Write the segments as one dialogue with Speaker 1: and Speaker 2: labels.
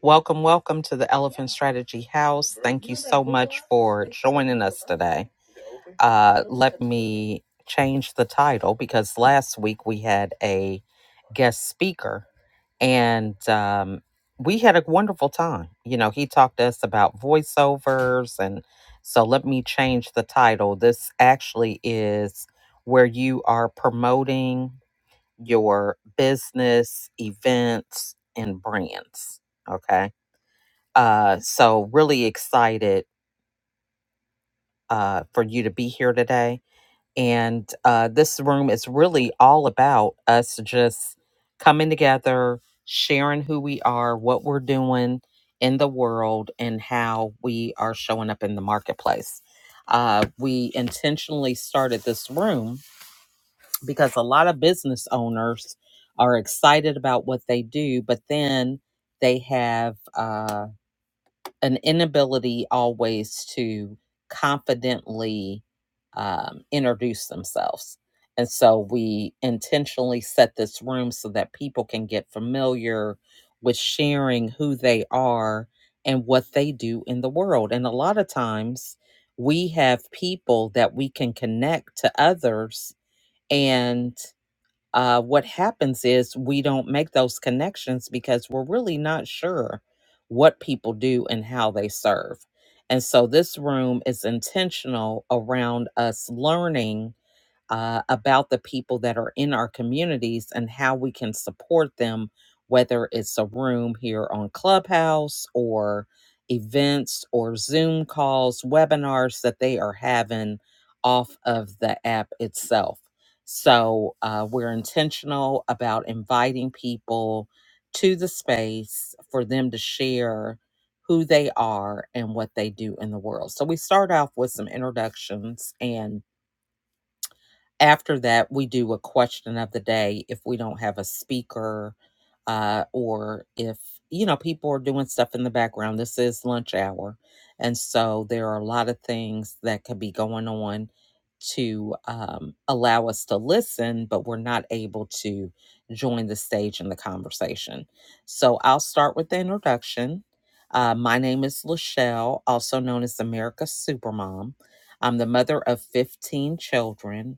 Speaker 1: Welcome, welcome to the Elephant Strategy House. Thank you so much for joining us today. Uh, let me change the title because last week we had a guest speaker and um, we had a wonderful time. You know, he talked to us about voiceovers. And so let me change the title. This actually is where you are promoting your business, events, and brands. Okay uh, so really excited uh, for you to be here today. And uh, this room is really all about us just coming together, sharing who we are, what we're doing in the world, and how we are showing up in the marketplace. Uh, we intentionally started this room because a lot of business owners are excited about what they do, but then they have uh. an inability always to confidently um, introduce themselves. And so we intentionally set this room so that people can get familiar with sharing who they are and what they do in the world. And a lot of times we have people that we can connect to others and uh, what happens is we don't make those connections because we're really not sure what people do and how they serve. And so this room is intentional around us learning uh, about the people that are in our communities and how we can support them, whether it's a room here on Clubhouse or events or Zoom calls, webinars that they are having off of the app itself. So uh, we're intentional about inviting people to the space for them to share who they are and what they do in the world. So we start off with some introductions and after that, we do a question of the day if we don't have a speaker uh, or if, you know, people are doing stuff in the background. This is lunch hour. And so there are a lot of things that could be going on to um, allow us to listen, but we're not able to join the stage in the conversation. So I'll start with the introduction. Uh, my name is Lachelle, also known as America's Supermom. I'm the mother of 15 children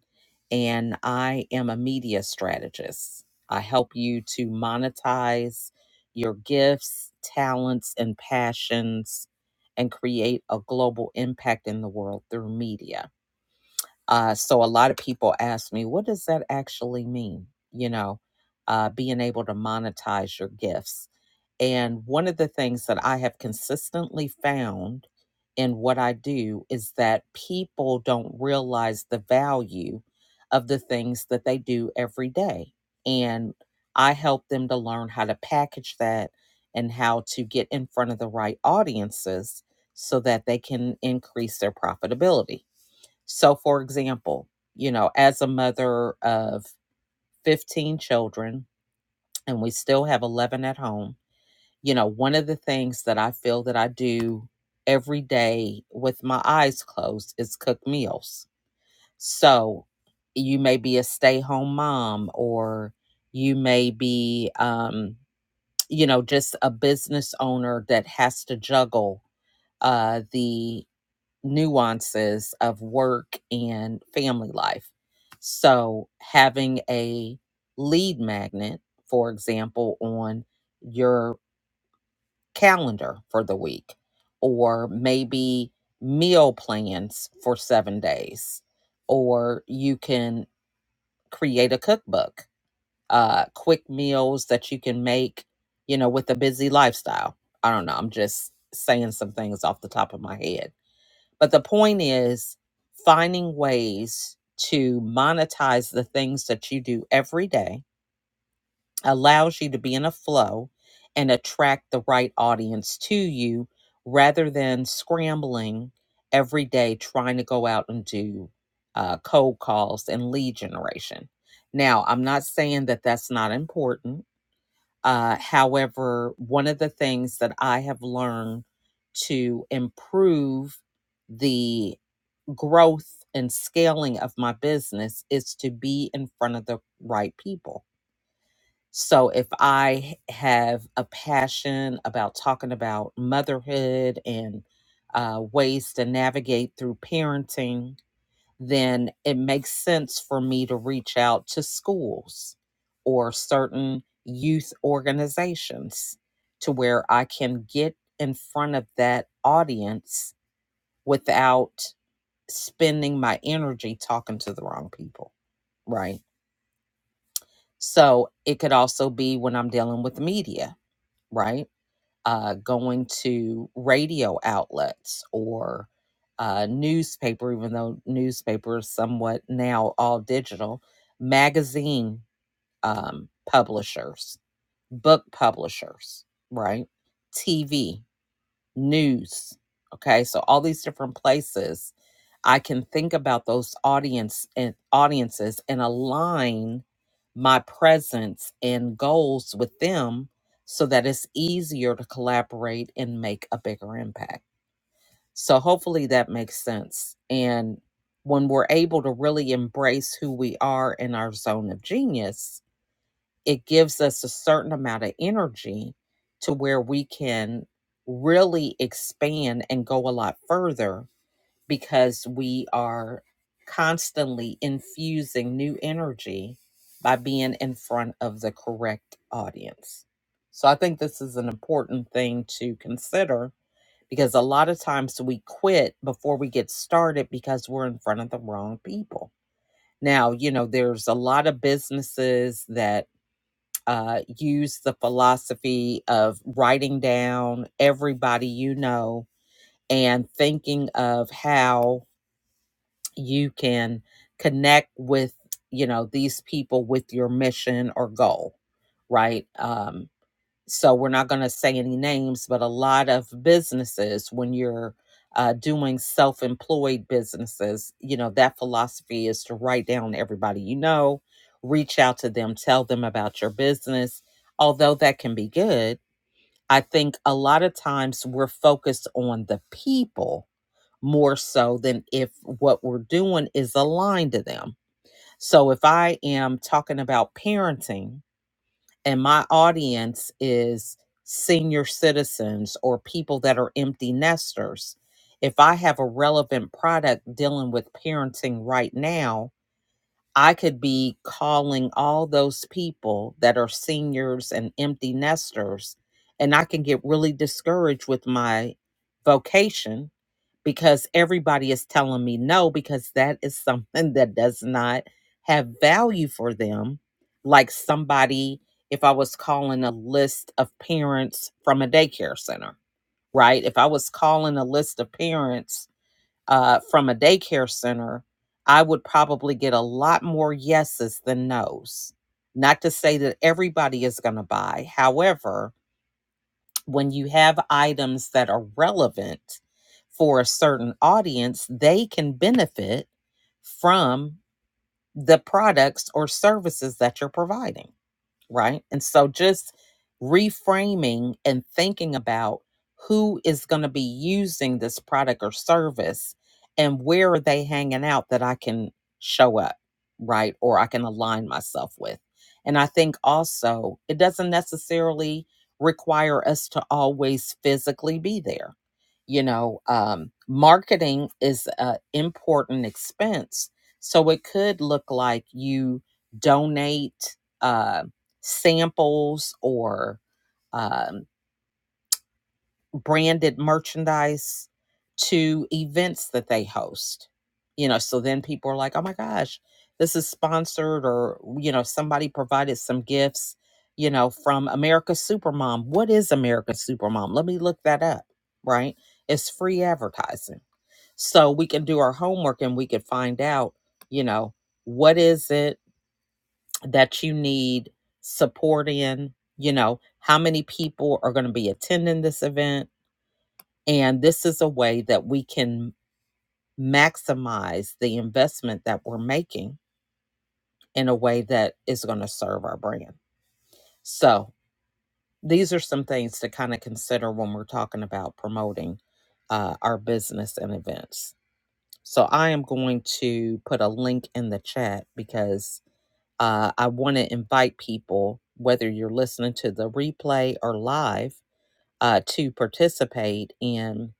Speaker 1: and I am a media strategist. I help you to monetize your gifts, talents, and passions and create a global impact in the world through media. Uh, so, a lot of people ask me, what does that actually mean? You know, uh, being able to monetize your gifts. And one of the things that I have consistently found in what I do is that people don't realize the value of the things that they do every day. And I help them to learn how to package that and how to get in front of the right audiences so that they can increase their profitability. So, for example, you know, as a mother of 15 children, and we still have 11 at home you know, one of the things that I feel that I do every day with my eyes closed is cook meals. So you may be a stay home mom, or you may be, um, you know, just a business owner that has to juggle uh, the nuances of work and family life. So having a lead magnet, for example, on your calendar for the week or maybe meal plans for seven days or you can create a cookbook uh quick meals that you can make you know with a busy lifestyle i don't know i'm just saying some things off the top of my head but the point is finding ways to monetize the things that you do every day allows you to be in a flow and attract the right audience to you rather than scrambling every day trying to go out and do uh, cold calls and lead generation. Now, I'm not saying that that's not important. Uh, however, one of the things that I have learned to improve the growth and scaling of my business is to be in front of the right people so if I have a passion about talking about motherhood and uh, ways to navigate through parenting, then it makes sense for me to reach out to schools or certain youth organizations to where I can get in front of that audience without spending my energy talking to the wrong people, right? So it could also be when I'm dealing with media, right? uh, going to radio outlets or uh, newspaper, even though newspaper is somewhat now all digital, magazine um, publishers, book publishers, right? TV news. Okay, so all these different places I can think about those audience and audiences and align my presence and goals with them so that it's easier to collaborate and make a bigger impact. So hopefully that makes sense. And when we're able to really embrace who we are in our zone of genius, it gives us a certain amount of energy to where we can really expand and go a lot further because we are constantly infusing new energy by being in front of the correct audience. So I think this is an important thing to consider because a lot of times we quit before we get started because we're in front of the wrong people. Now, you know, there's a lot of businesses that uh, use the philosophy of writing down everybody you know and thinking of how you can connect with you know these people with your mission or goal right Um, so we're not going to say any names, but a lot of businesses, when you're uh, doing self employed businesses, you know, that philosophy is to write down everybody you know, reach out to them, tell them about your business. Although that can be good, I think a lot of times we're focused on the people more so than if what we're doing is aligned to them. So if I am talking about parenting, and my audience is senior citizens or people that are empty nesters, if I have a relevant product dealing with parenting right now, I could be calling all those people that are seniors and empty nesters, and I can get really discouraged with my vocation because everybody is telling me no because that is something that does not have value for them like somebody if i was calling a list of parents from a daycare center right if i was calling a list of parents uh, from a daycare center i would probably get a lot more yeses than nos not to say that everybody is going to buy however when you have items that are relevant for a certain audience, they can benefit from the products or services that you're providing right? And so just reframing and thinking about who is going to be using this product or service and where are they hanging out that I can show up, right? Or I can align myself with. And I think also it doesn't necessarily require us to always physically be there. You know, um, marketing is an important expense. So it could look like you donate uh samples or um, branded merchandise to events that they host. You know, so then people are like, oh my gosh, this is sponsored, or, you know, somebody provided some gifts, you know, from America's Supermom. What is America's Supermom? Let me look that up, right? It's free advertising. So we can do our homework and we can find out, you know, what is it? that you need support in, you know, how many people are going to be attending this event. And this is a way that we can maximize the investment that we're making in a way that is going to serve our brand. So, these are some things to kind of consider when we're talking about promoting uh, our business and events. So, I am going to put a link in the chat because uh, I want to invite people, whether you're listening to the replay or live, uh, to participate in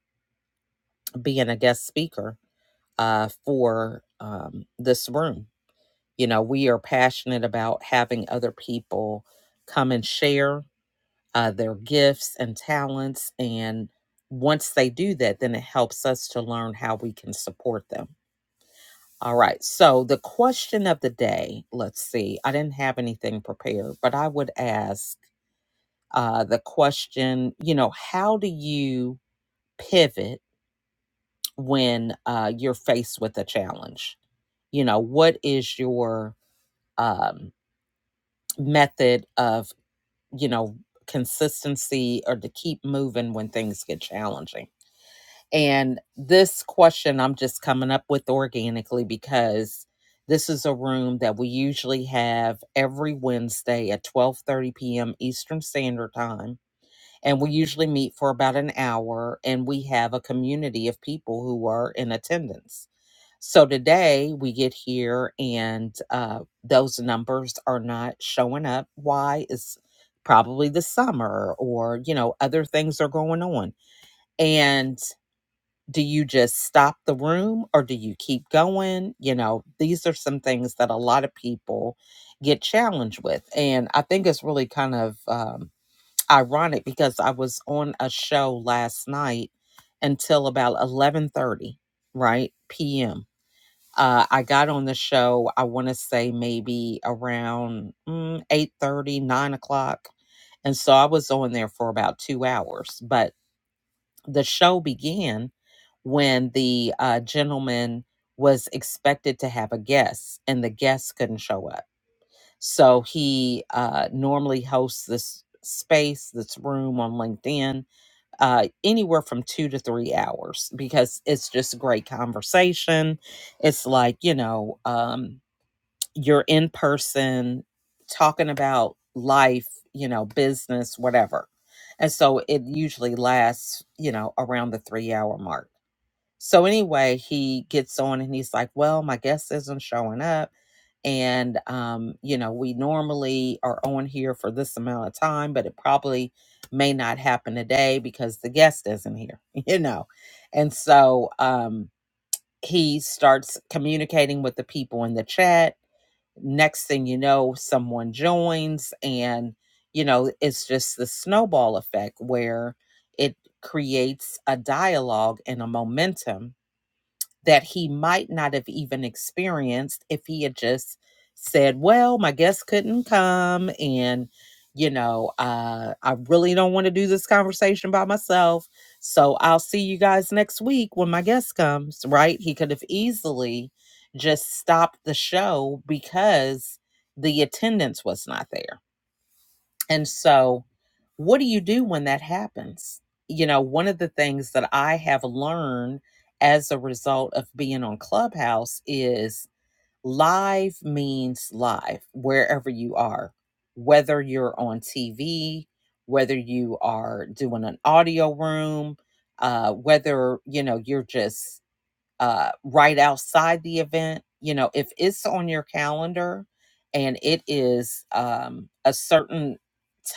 Speaker 1: being a guest speaker uh, for um, this room. You know, we are passionate about having other people come and share uh, their gifts and talents. And once they do that, then it helps us to learn how we can support them. All right. So the question of the day, let's see. I didn't have anything prepared, but I would ask uh, the question, you know, how do you pivot when uh, you're faced with a challenge? You know, what is your um, method of, you know, consistency or to keep moving when things get challenging? And this question I'm just coming up with organically because this is a room that we usually have every Wednesday at 12:30 p.m. Eastern Standard Time and we usually meet for about an hour and we have a community of people who are in attendance so today we get here and uh, those numbers are not showing up why is probably the summer or you know other things are going on and do you just stop the room or do you keep going you know these are some things that a lot of people get challenged with and i think it's really kind of um, ironic because I was on a show last night until about 11:30, right? p.m. Uh, I got on the show, I want to say maybe around mm, 8:30, o'clock. And so I was on there for about two hours. But the show began when the uh, gentleman was expected to have a guest and the guest couldn't show up. So he uh, normally hosts this space, this room on LinkedIn, uh, anywhere from two to three hours because it's just great conversation. It's like, you know, um, you're in person talking about life, you know, business, whatever. And so it usually lasts, you know, around the three hour mark so anyway, he gets on and he's like, "Well, my guest isn't showing up, and um, you know, we normally are on here for this amount of time, but it probably may not happen today because the guest isn't here, you know." And so um, he starts communicating with the people in the chat. Next thing you know, someone joins, and you know, it's just the snowball effect where it creates a dialogue and a momentum that he might not have even experienced if he had just said, Well, my guest couldn't come. And, you know, uh, I really don't want to do this conversation by myself. So I'll see you guys next week when my guest comes, right? He could have easily just stopped the show because the attendance was not there and so, what do you do when that happens? You know, one of the things that I have learned as a result of being on Clubhouse is live means live wherever you are, whether you're on TV, whether you are doing an audio room, uh, whether, you know, you're just uh, right outside the event. You know, if it's on your calendar and it is um, a certain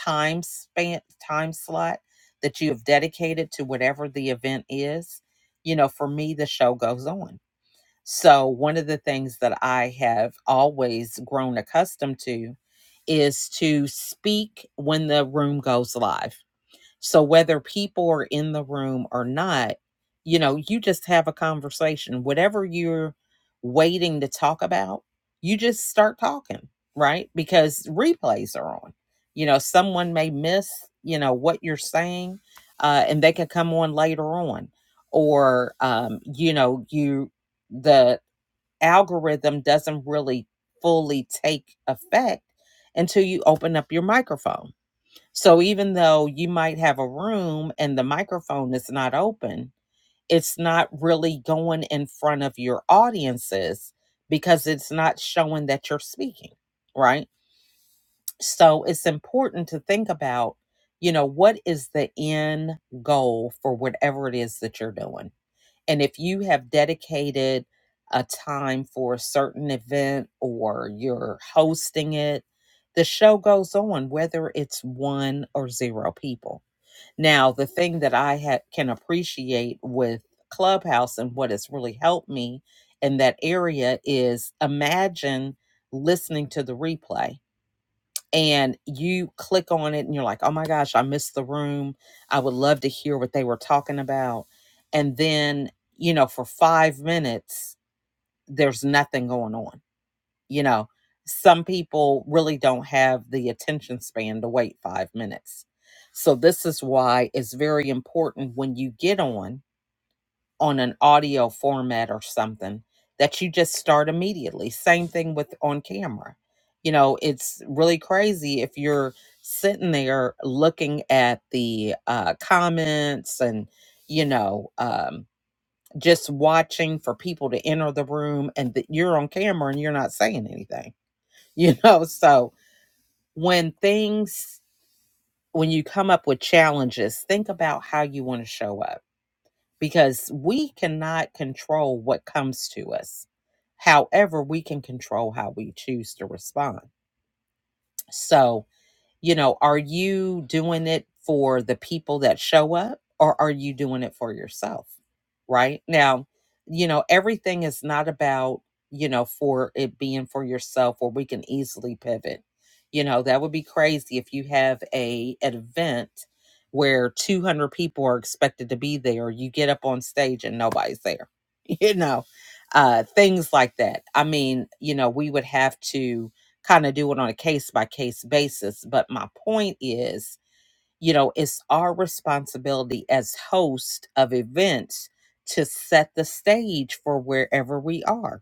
Speaker 1: time span, time slot that you have dedicated to whatever the event is, you know, for me, the show goes on. So, one of the things that I have always grown accustomed to is to speak when the room goes live so whether people are in the room or not, you know, you just have a conversation. Whatever you're waiting to talk about, you just start talking, right? Because replays are on. You know, someone may miss, you know, what you're saying, uh, and they can come on later on. Or um, you know, you the algorithm doesn't really fully take effect until you open up your microphone so even though you might have a room and the microphone is not open, it's not really going in front of your audiences because it's not showing that you're speaking, right? So it's important to think about, you know, what is the end goal for whatever it is that you're doing. And if you have dedicated a time for a certain event or you're hosting it, the show goes on whether it's one or zero people now, the thing that I ha- can appreciate with Clubhouse and what has really helped me in that area is imagine listening to the replay and you click on it and you're like, oh my gosh, I missed the room. I would love to hear what they were talking about. And then, you know, for five minutes, there's nothing going on you know some people really don't have the attention span to wait five minutes so this is why it's very important when you get on on an audio format or something that you just start immediately same thing with on camera you know it's really crazy if you're sitting there looking at the uh, comments and you know um, just watching for people to enter the room and that you're on camera and you're not saying anything you know so when things when you come up with challenges think about how you want to show up because we cannot control what comes to us however we can control how we choose to respond so You know, are you doing it for the people that show up or are you doing it for yourself? Right now, you know, everything is not about, you know, for it being for yourself or we can easily pivot. You know, that would be crazy if you have a an event where 200 people are expected to be there you get up on stage and nobody's there you know uh things like that i mean you know we would have to kind of do it on a case by case basis. But my point is, you know, it's our responsibility as host of events to set the stage for wherever we are.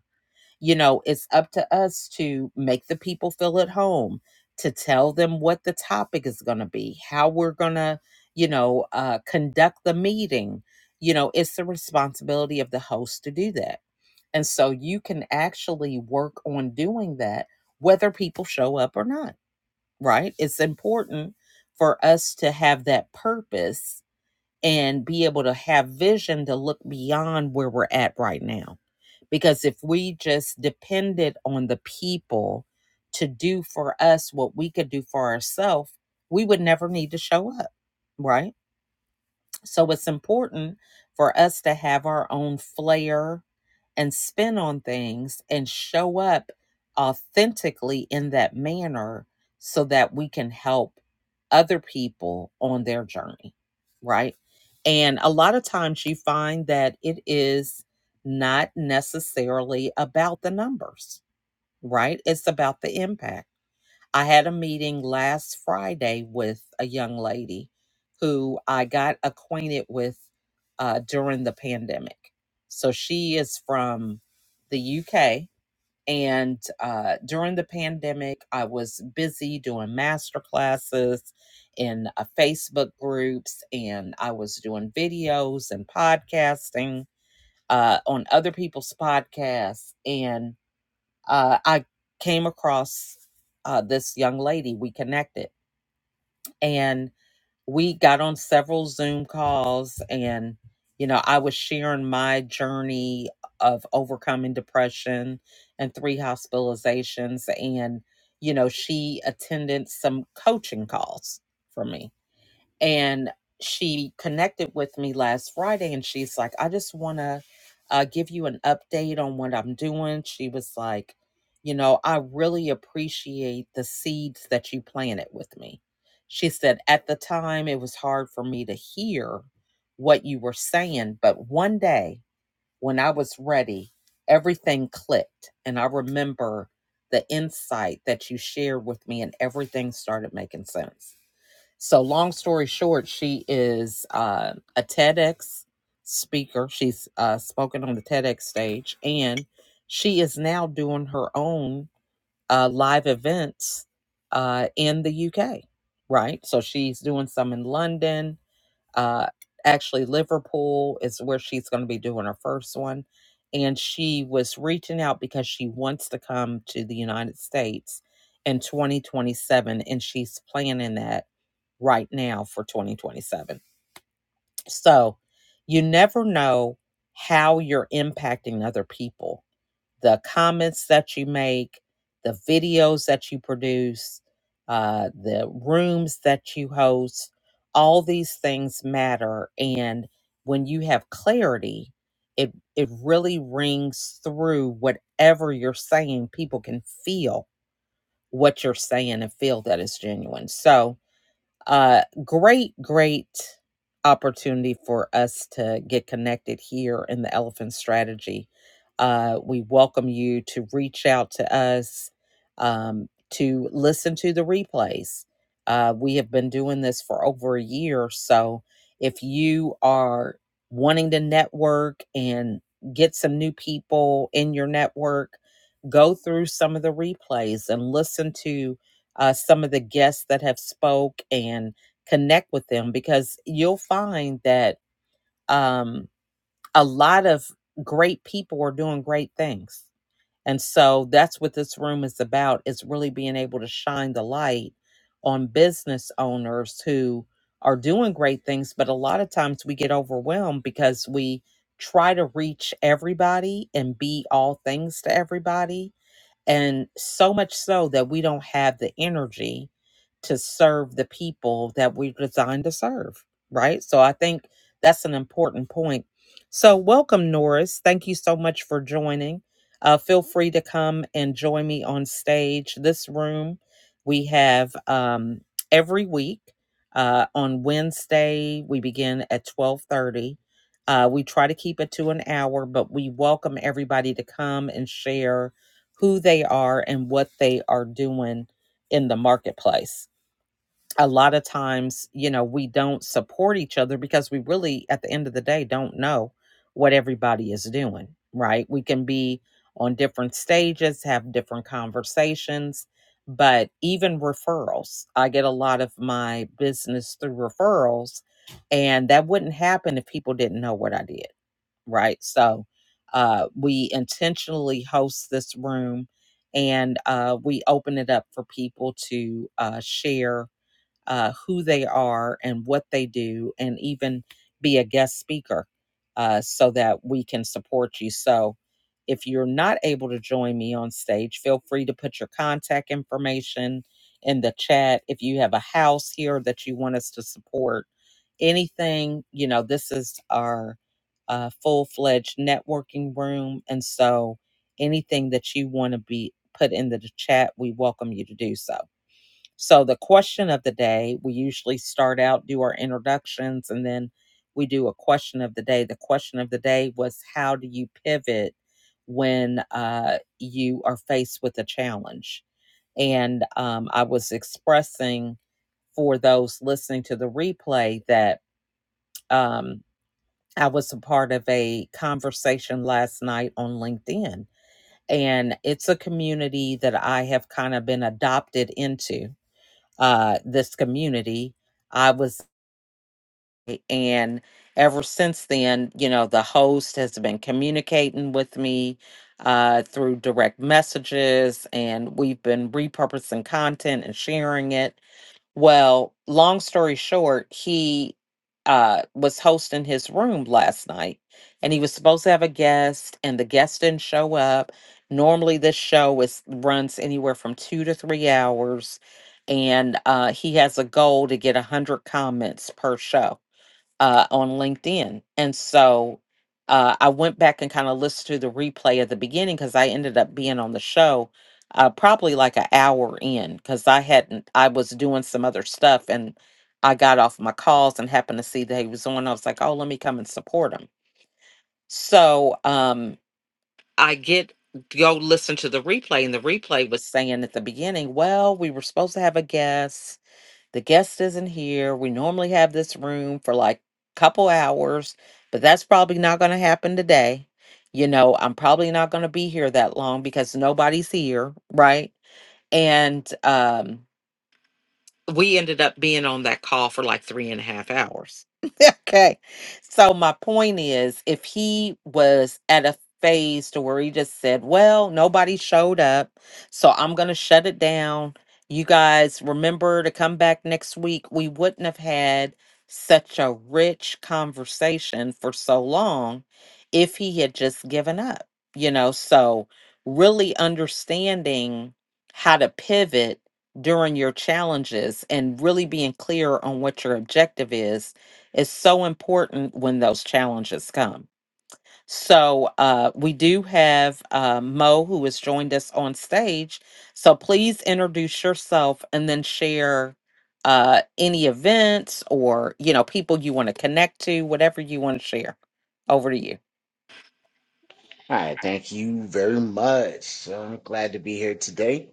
Speaker 1: You know, it's up to us to make the people feel at home, to tell them what the topic is going to be, how we're going to, you know, uh, conduct the meeting. You know, it's the responsibility of the host to do that and so you can actually work on doing that, whether people show up or not, right? It's important for us to have that purpose and be able to have vision to look beyond where we're at right now. Because if we just depended on the people to do for us what we could do for ourselves, we would never need to show up, right? So it's important for us to have our own flair and spin on things and show up authentically in that manner so that we can help other people on their journey, right? And a lot of times you find that it is not necessarily about the numbers, right? It's about the impact I had a meeting last Friday with a young lady who I got acquainted with uh, during the pandemic. So she is from the UK. And uh, during the pandemic, I was busy doing master classes in uh, Facebook groups, and I was doing videos and podcasting uh, on other people's podcasts. And uh, I came across uh, this young lady. We connected and we got on several Zoom calls. And, you know, I was sharing my journey of overcoming depression and three hospitalizations. And, you know, she attended some coaching calls for me and she connected with me last Friday and she's like, I just want to uh, give you an update on what I'm doing. She was like, You know, I really appreciate the seeds that you planted with me. She said, At the time, it was hard for me to hear what you were saying, but one day when I was ready, everything clicked. And I remember the insight that you shared with me, and everything started making sense. So, long story short, she is uh, a TEDx speaker. She's uh, spoken on the TEDx stage, and she is now doing her own uh, live events uh, in the UK, right? So, she's doing some in London uh, actually, Liverpool is where she's going to be doing her first one. And she was reaching out because she wants to come to the United States in 2027. And she's planning that right now for 2027. So you never know how you're impacting other people the comments that you make, the videos that you produce, uh, the rooms that you host, all these things matter. And when you have clarity, it, it really rings through whatever you're saying. People can feel what you're saying and feel that it's genuine. So, uh great great opportunity for us to get connected here in the elephant strategy uh we welcome you to reach out to us um to listen to the replays uh we have been doing this for over a year so if you are wanting to network and get some new people in your network go through some of the replays and listen to uh, some of the guests that have spoke and connect with them because you'll find that um, a lot of great people are doing great things and so that's what this room is about is really being able to shine the light on business owners who are doing great things but a lot of times we get overwhelmed because we try to reach everybody and be all things to everybody and so much so that we don't have the energy to serve the people that we're designed to serve, right? So I think that's an important point. So, welcome, Norris. Thank you so much for joining. Uh, feel free to come and join me on stage. This room we have um, every week uh, on Wednesday. We begin at twelve thirty. Uh, we try to keep it to an hour, but we welcome everybody to come and share who they are and what they are doing in the marketplace. A lot of times, you know, we don't support each other because we really, at the end of the day, don't know what everybody is doing, right? We can be on different stages, have different conversations, but even referrals. I get a lot of my business through referrals, and that wouldn't happen if people didn't know what I did right? So uh, we intentionally host this room and uh, we open it up for people to uh, share uh, who they are and what they do, and even be a guest speaker uh, so that we can support you. So, if you're not able to join me on stage, feel free to put your contact information in the chat. If you have a house here that you want us to support, anything, you know, this is our uh, full fledged networking room. And so, anything that you want to be put into the chat, we welcome you to do so. So, the question of the day, we usually start out, do our introductions, and then we do a question of the day. The question of the day was how do you pivot when uh, you are faced with a challenge? And um, I was expressing for those listening to the replay that um, I was a part of a conversation last night on LinkedIn. And it's a community that I have kind of been adopted into uh, this community. I was, and ever since then, you know, the host has been communicating with me uh, through direct messages, and we've been repurposing content and sharing it. Well, long story short, he uh, was hosting his room last night and he was supposed to have a guest, and the guest didn't show up. Normally, this show is runs anywhere from two to three hours, and uh, he has a goal to get 100 comments per show uh, on LinkedIn. And so uh, I went back and kind of listened to the replay at the beginning because I ended up being on the show uh, probably like an hour in because I hadn't, I was doing some other stuff and I got off my calls and happened to see that he was on. I was like, oh, let me come and support him. So um, I get, go listen to the replay and the replay was saying at the beginning well we were supposed to have a guest the guest isn't here. We normally have this room for like a couple hours, but that's probably not going to happen today. You know, I'm probably not going to be here that long because nobody's here, right? And um we ended up being on that call for like three and a half hours. okay. So my point is if he was at a phase to where he just said, Well, nobody showed up, so I'm gonna shut it down. You guys remember to come back next week. We wouldn't have had such a rich conversation for so long if he had just given up, you know. So really understanding how to pivot during your challenges and really being clear on what your objective is is so important when those challenges come. So uh, we do have uh, Mo who has joined us on stage. So please introduce yourself and then share uh, any events or you know people you want to connect to, whatever you want to share. Over to you.
Speaker 2: All right, thank you very much. So I'm glad to be here today.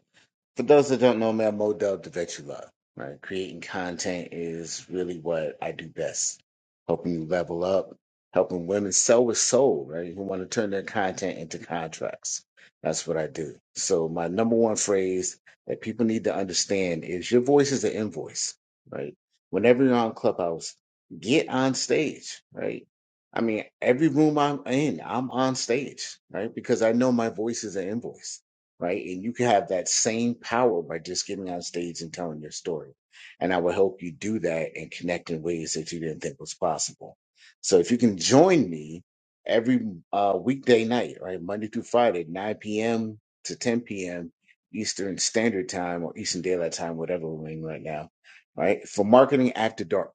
Speaker 2: For those that don't know me, I'm Modell Dub, the vet you love. Right, creating content is really what I do best. Helping you level up, helping women sell with soul. Right, who want to turn their content into contracts. That's what I do. So my number one phrase that people need to understand is your voice is an invoice. Right, whenever you're on Clubhouse, get on stage. Right. I mean, every room I'm in, I'm on stage, right? Because I know my voice is an invoice right? And you can have that same power by just getting on stage and telling your story. And I will help you do that and connect in ways that you didn't think was possible. So if you can join me every uh, weekday night, right, Monday through Friday, 9 p.m. to 10 p.m. Eastern Standard Time or Eastern Daylight Time, whatever we're in right now, right, for Marketing After Dark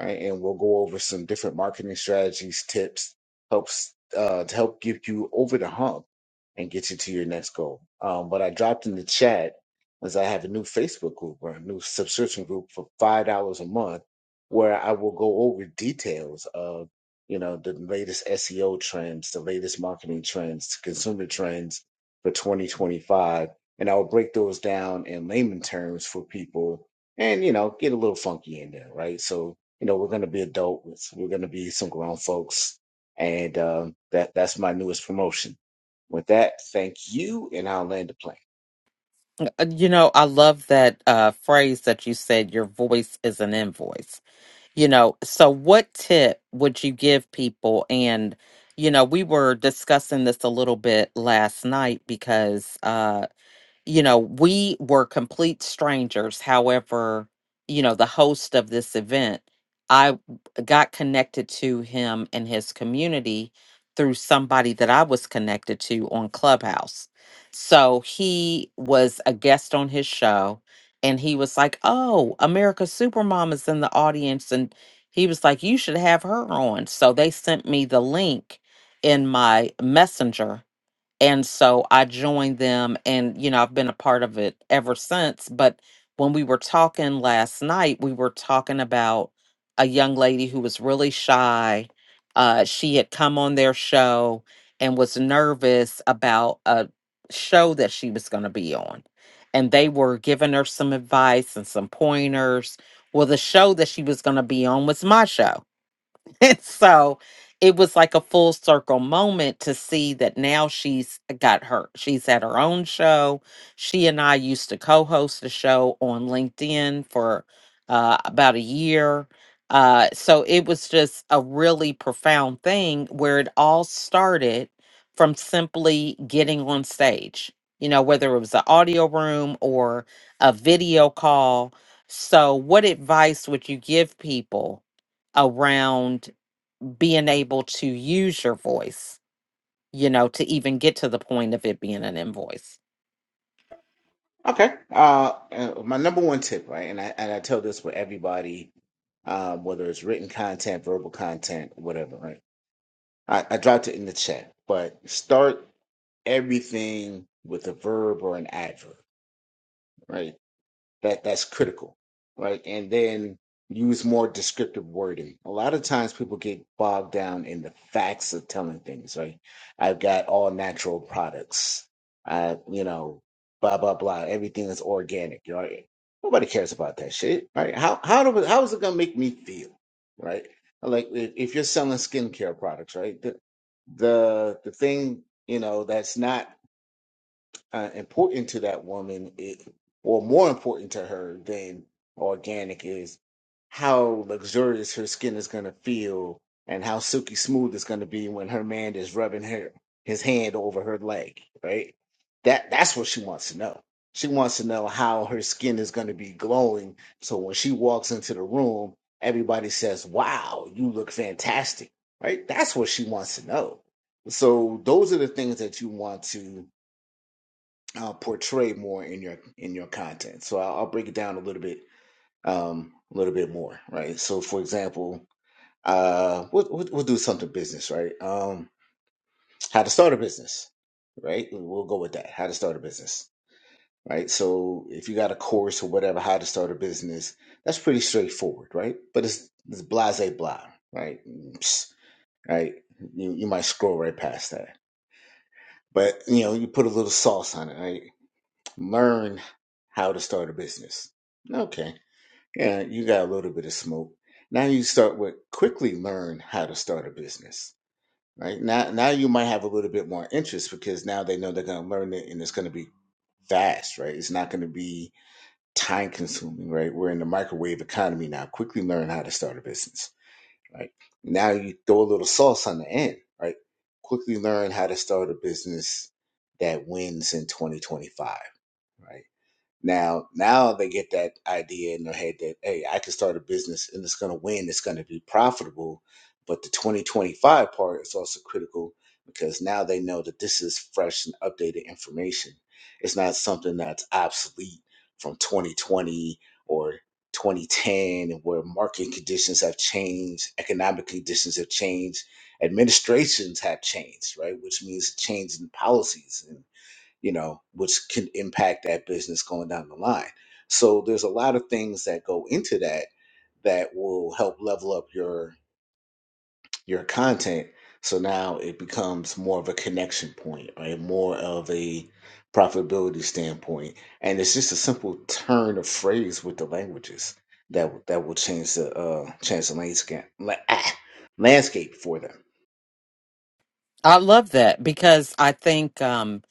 Speaker 2: right? And we'll go over some different marketing strategies, tips, helps uh, to help get you over the hump and get you to your next goal. Um, what I dropped in the chat is I have a new Facebook group or a new subscription group for five dollars a month, where I will go over details of you know the latest SEO trends, the latest marketing trends, consumer trends for 2025, and I will break those down in layman terms for people, and you know get a little funky in there, right? So you know, we're going to be adults. We're going to be some grown folks. And um, that that's my newest promotion. With that, thank you, and I'll land the plane.
Speaker 1: Uh, You know, I love that uh, phrase that you said. Your voice is an invoice you know so what tip would you give people and you know we were discussing this a little bit last night because uh you know, we were complete strangers. However, you know, the host of this event, I got connected to him and his community through somebody that I was connected to on Clubhouse. So he was a guest on his show and he was like, Oh, America's Supermom is in the audience. And he was like, You should have her on. So they sent me the link in my messenger and so I joined them and you know, I've been a part of it ever since, but when we were talking last night, we were talking about a young lady who was really shy. Uh she had come on their show and was nervous about a show that she was going to be on. And they were giving her some advice and some pointers. Well, the show that she was going to be on was my show. and so it was like a full circle moment to see that now she's got her she's at her own show she and i used to co-host a show on linkedin for uh, about a year uh, so it was just a really profound thing where it all started from simply getting on stage you know whether it was an audio room or a video call so what advice would you give people around being able to use your voice, you know, to even get to the point of it being an invoice.
Speaker 2: Okay. Uh, uh, my number one tip, right? And I and I tell this with everybody, um, whether it's written content, verbal content, whatever, right? I, I dropped it in the chat, but start everything with a verb or an adverb, right? that that's critical right and then use more descriptive wording a lot of times people get bogged down in the facts of telling things right i've got all natural products i you know blah blah blah everything is organic you know eh, nobody cares about that shit right how how do how is it going to make me feel right like if if you're selling skincare products right the the, the thing you know that's not uh, important to that woman, it, or more important to her than organic, is how luxurious her skin is going to feel and how silky smooth it's going to be when her man is rubbing her his hand over her leg. Right? That that's what she wants to know. She wants to know how her skin is going to be glowing, so when she walks into the room, everybody says, "Wow, you look fantastic." Right? That's what she wants to know. So those are the things that you want to uh, portray more in your in your content. So I'll, I'll break it down a little bit, um, a little bit more, right? So for example, uh, we'll, we'll we'll do something business, right? Um, how to start a business, right? We'll go with that. How to start a business, right? So if you got a course or whatever, how to start a business, that's pretty straightforward, right? But it's it's blase blah, right? Psst, right? You you might scroll right past that, but you know you put a little sauce on it, right? learn how to start a business. Okay. Yeah, you got a little bit of smoke. Now you start with quickly learn how to start a business. Right? Now now you might have a little bit more interest because now they know they're gonna learn it and it's gonna be fast, right? It's not gonna be time consuming, right? We're in the microwave economy now. Quickly learn how to start a business. Right. Now you throw a little sauce on the end, right? Quickly learn how to start a business that wins in 2025 right? Now, now they get that idea in their head that, hey, I can start a business and it's going to win, it's going to be profitable. But the 2025 part is also critical because now they know that this is fresh and updated information. It's not something that's obsolete from 2020 or 2010, and where market conditions have changed, economic conditions have changed, administrations have changed, right? Which means change in policies and you know, which can impact that business going down the line. So there's a lot of things that go into that that will help level up your your content. So now it becomes more of a connection point, right? More of a profitability standpoint, and it's just a simple turn of phrase with the languages that will- that will change the uh, change the landscape la- ah, landscape for them.
Speaker 1: I love that because I think, um,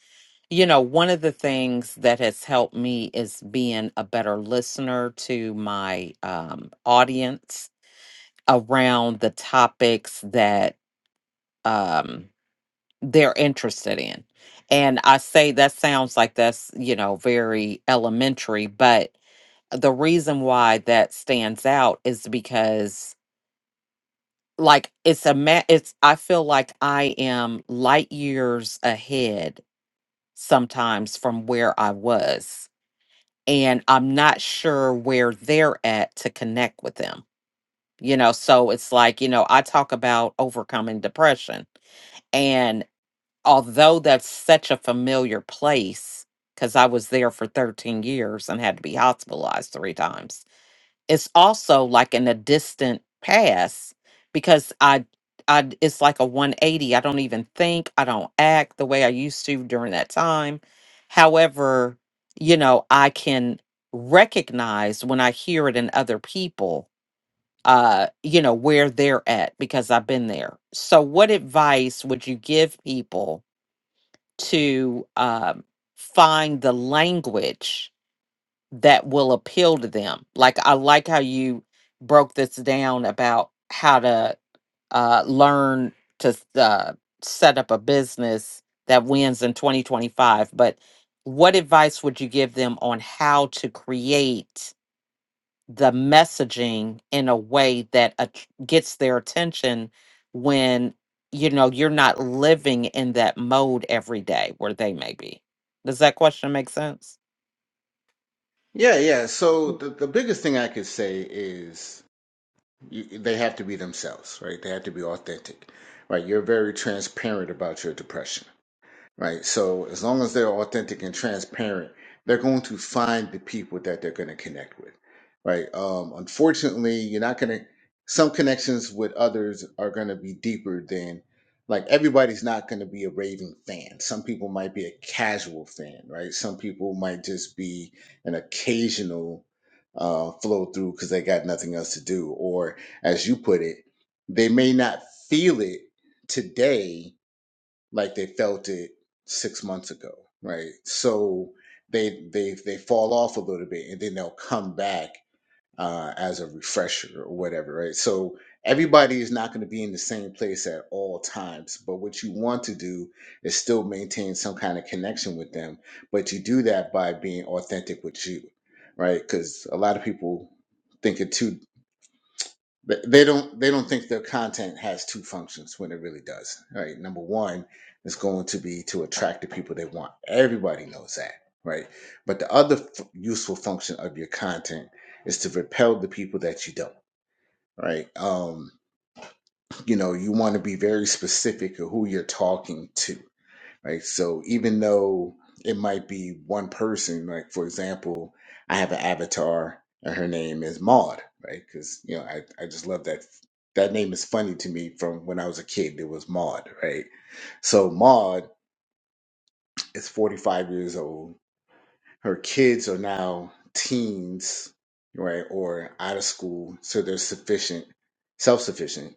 Speaker 1: you know, one of the things that has helped me is being a better listener to my um, audience around the topics that um, they're interested in. And I say that sounds like that's, you know, very elementary, but the reason why that stands out is because like it's a ma- it's i feel like i am light years ahead sometimes from where i was and i'm not sure where they're at to connect with them you know so it's like you know i talk about overcoming depression and although that's such a familiar place because i was there for 13 years and had to be hospitalized three times it's also like in a distant past because I I it's like a 180. I don't even think, I don't act the way I used to during that time. However, you know, I can recognize when I hear it in other people, uh, you know, where they're at because I've been there. So what advice would you give people to um find the language that will appeal to them. Like I like how you broke this down about how to uh, learn to s- uh, set up a business that wins in 2025. But what advice would you give them on how to create the messaging in a way that att- gets their attention when you know you're not living in that mode every day where they may be? Does that question make sense?
Speaker 2: Yeah, yeah. So the, the biggest thing I could say is you, they have to be themselves, right? They have to be authentic, right? You're very transparent about your depression, right? So as long as they're authentic and transparent, they're going to find the people that they're going to connect with, right? Um, unfortunately, you're not going to. Some connections with others are going to be deeper than, like everybody's not going to be a raving fan. Some people might be a casual fan, right? Some people might just be an occasional uh, flow through because they got nothing else to do, or as you put it, they may not feel it today like they felt it six months ago, right? So they they they fall off a little bit, and then they'll come back uh, as a refresher or whatever, right? So everybody is not going to be in the same place at all times, but what you want to do is still maintain some kind of connection with them, but you do that by being authentic with you, right? Because a lot of people think it too. But they don't they don't think their content has two functions when it really does. Right. Number one is going to be to attract the people they want. Everybody knows that, right? But the other f- useful function of your content is to repel the people that you don't. Right. Um, you know, you want to be very specific of who you're talking to Right. So even though it might be one person, like for example, I have an avatar and her name is Maud, right? Because you know, I, I just love that that name is funny to me from when I was a kid. It was Maud, right? So Maud is 45 years old. Her kids are now teens, right, or out of school, so they're sufficient, self-sufficient.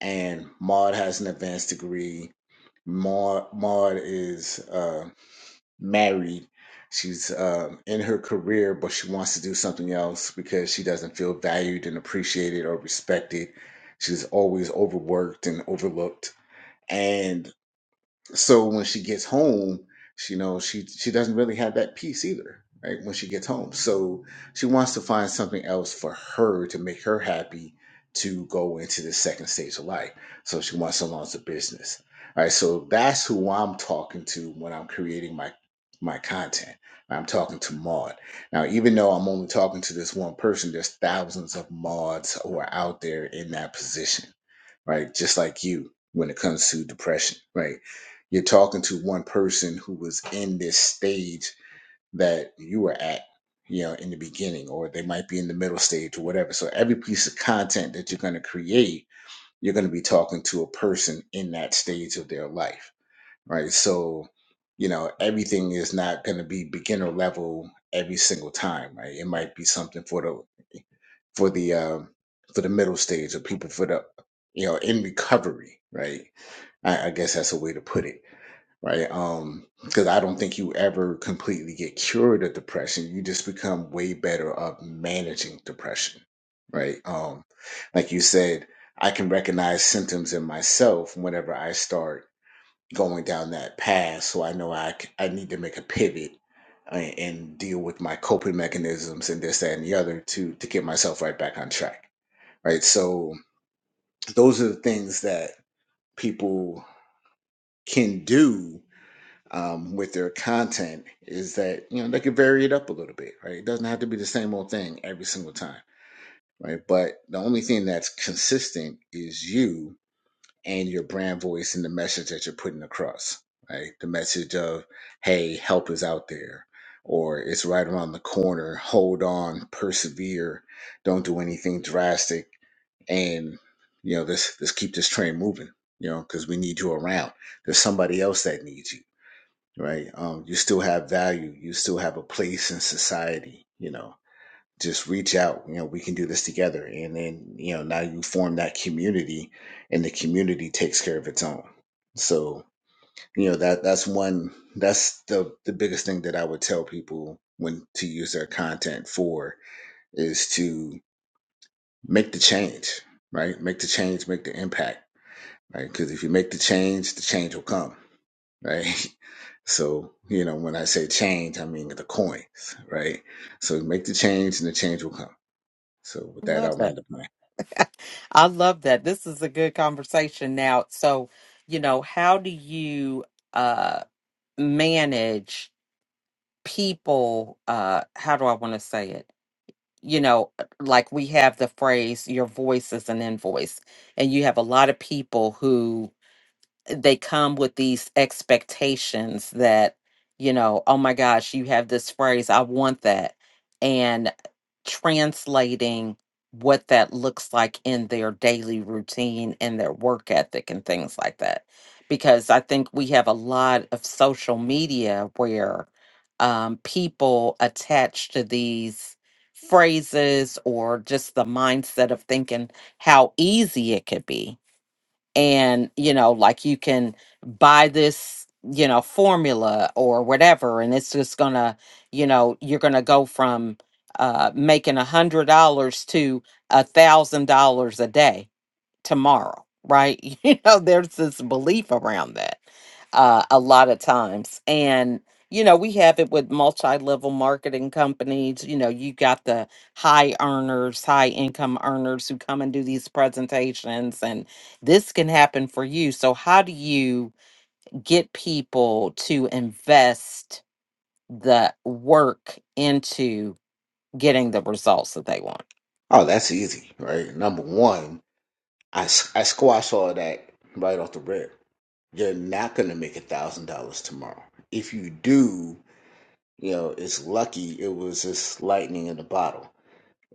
Speaker 2: And Maud has an advanced degree. Maud, Maud is uh, married. She's um, in her career, but she wants to do something else because she doesn't feel valued and appreciated or respected. She's always overworked and overlooked. and. So when she gets home, she you know she she doesn't really have that peace either, right? When she gets home, so she wants to find something else for her to make her happy to go into the second stage of life. So she wants to launch a business, right? So that's who I'm talking to when I'm creating my my content. I'm talking to Maud. Now, even though I'm only talking to this one person, there's thousands of Mauds who are out there in that position right? Just like you when it comes to depression, right? You're talking to one person who was in this stage that you were at, you know, in the beginning, or they might be in the middle stage or whatever. So every piece of content that you're going to create, you're going to be talking to a person in that stage of their life right? So, you know, everything is not going to be beginner level every single time, right? It might be something for the for the um, for the middle stage or people for the you know in recovery, right? I, I guess that's a way to put it, right? Um, because I don't think you ever completely get cured of depression. You just become way better of managing depression, right? Um, like you said, I can recognize symptoms in myself whenever I start going down that path so i know i, c- I need to make a pivot and, and deal with my coping mechanisms and this that and the other to to get myself right back on track right so those are the things that people can do um, with their content is that you know they can vary it up a little bit right it doesn't have to be the same old thing every single time right but the only thing that's consistent is you and your brand voice and the message that you're putting across, right? The message of, hey, help is out there, or it's right around the corner, hold on, persevere, don't do anything drastic, and you know, let's let's keep this train moving, you know, because we need you around. There's somebody else that needs you, right? Um, you still have value, you still have a place in society, you know just reach out you know we can do this together and then you know now you form that community and the community takes care of its own so you know that that's one that's the the biggest thing that i would tell people when to use their content for is to make the change right make the change make the impact right because if you make the change the change will come right so you know when i say change i mean the coins right so make the change and the change will come so with that
Speaker 1: Love
Speaker 2: i'll land the plane
Speaker 1: I love that. This is a good conversation now. So, you know, how do you uh manage people uh how do I want to say it? You know, like we have the phrase your voice is an invoice and you have a lot of people who they come with these expectations that you know oh my gosh you have this phrase i want that and translating what that looks like in their daily routine and their work ethic and things like that because i think we have a lot of social media where um, people attach to these phrases or just the mindset of thinking how easy it could be and you know like you can buy this you know formula or whatever and it's just gonna you know you're gonna go from uh making a hundred dollars to a thousand dollars a day tomorrow, right? You know, there's this belief around that uh, a lot of times. And, you know, we have it with multi level marketing companies. You know, you got the high earners, high income earners who come and do these presentations, and this can happen for you. So, how do you get people to invest? the work into getting the results that they want.
Speaker 2: Oh, that's easy, right? Number one, I, s- I squash all that right off the rip. You're not going to make a thousand dollars tomorrow. If you do, you know, it's lucky it was just lightning in a bottle,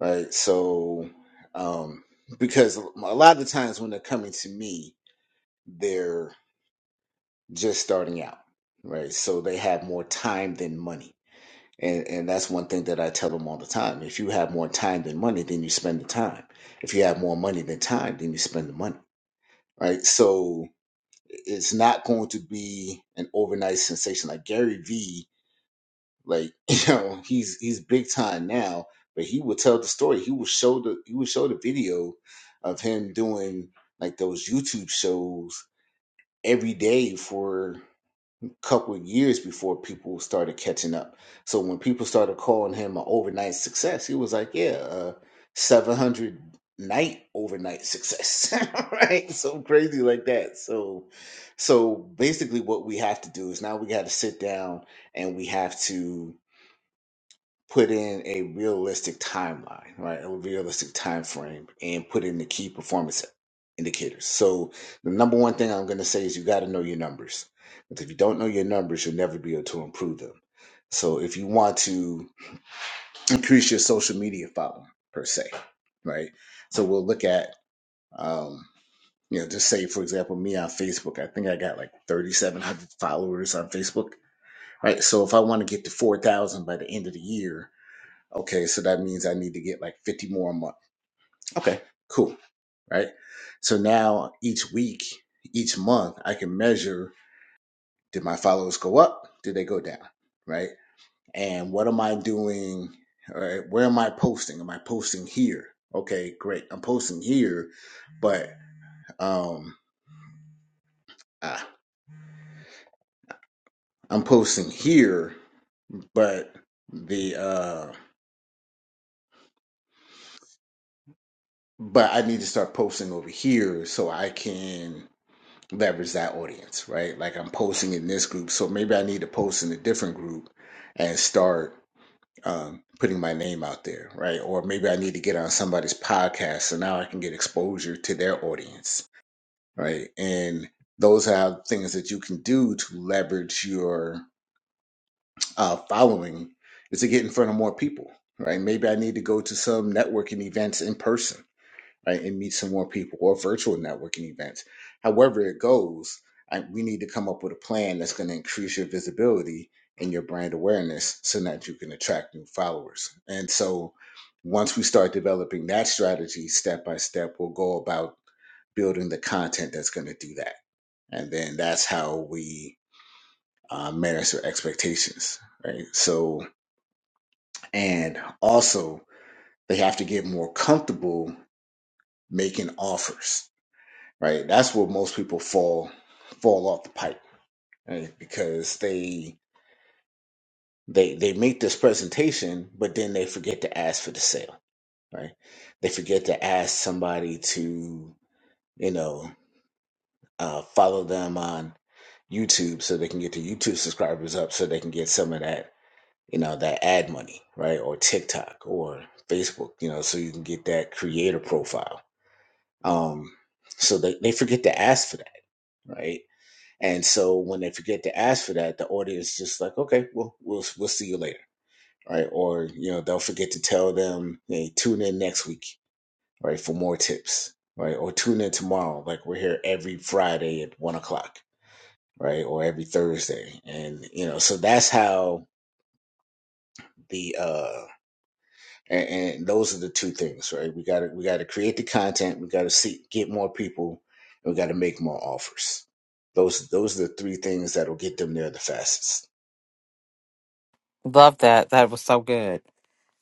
Speaker 2: right? So, um, because a lot of the times when they're coming to me, they're just starting out, right? So they have more time than money And and that's one thing that I tell them all the time. If you have more time than money, then you spend the time. If you have more money than time, then you spend the money. Right? So it's not going to be an overnight sensation. Like Gary Vee, like, you know, he's he's big time now, but he will tell the story. He will show the he will show the video of him doing like those YouTube shows every day for couple of years before people started catching up. So when people started calling him an overnight success, he was like, yeah, uh, 700 night overnight success, right? So crazy like that. So, so basically, what we have to do is now we got to sit down and we have to put in a realistic timeline, right? A realistic time frame and put in the key performance indicators. So the number one thing I'm going to say is you got to know your numbers. Because if you don't know your numbers, you'll never be able to improve them. So if you want to increase your social media following per se, right? So we'll look at um you know, just say for example, me on Facebook, I think I got like 3,700 followers on Facebook, right? So if I want to get to 4,000 by the end of the year, Okay, so that means I need to get like 50 more a month. Okay, cool, right? So now each week, each month, I can measure did my followers go up? Did they go down? Right? And what am I doing? All right, where am I posting? Am I posting here? Okay, great. I'm posting here, but um ah, I'm posting here, but the uh but I need to start posting over here so I can leverage that audience, right? Like I'm posting in this group, so maybe I need to post in a different group and start um, putting my name out there, right? Or maybe I need to get on somebody's podcast, so now I can get exposure to their audience, right? And those are things that you can do to leverage your uh, following is to get in front of more people, right? Maybe I need to go to some networking events in person right, and meet some more people or virtual networking events. However, it goes, I, we need to come up with a plan that's going to increase your visibility and your brand awareness so that you can attract new followers. And so, once we start developing that strategy step by step, we'll go about building the content that's going to do that. And then that's how we uh, manage their expectations, right? So, and also, they have to get more comfortable making offers right? That's where most people fall fall off the pipe right? because they they they make this presentation, but then they forget to ask for the sale, right? They forget to ask somebody to you know uh, follow them on YouTube so they can get the YouTube subscribers up, so they can get some of that you know that ad money, right? Or TikTok or Facebook, you know, so you can get that creator profile. Um, so they, they forget to ask for that, right? And so when they forget to ask for that, the audience just like, okay, well, we'll we'll see you later, right? Or you know, they'll forget to tell them, hey, tune in next week, right, for more tips, right? Or tune in tomorrow, like we're here every Friday at one o'clock, right? Or every Thursday, and you know, so that's how the uh and, and those are the two things, right? We got to we got to create the content, we got to see get more people, and we got to make more offers. Those those are the three things that'll get them there the fastest.
Speaker 1: Love that. That was so good.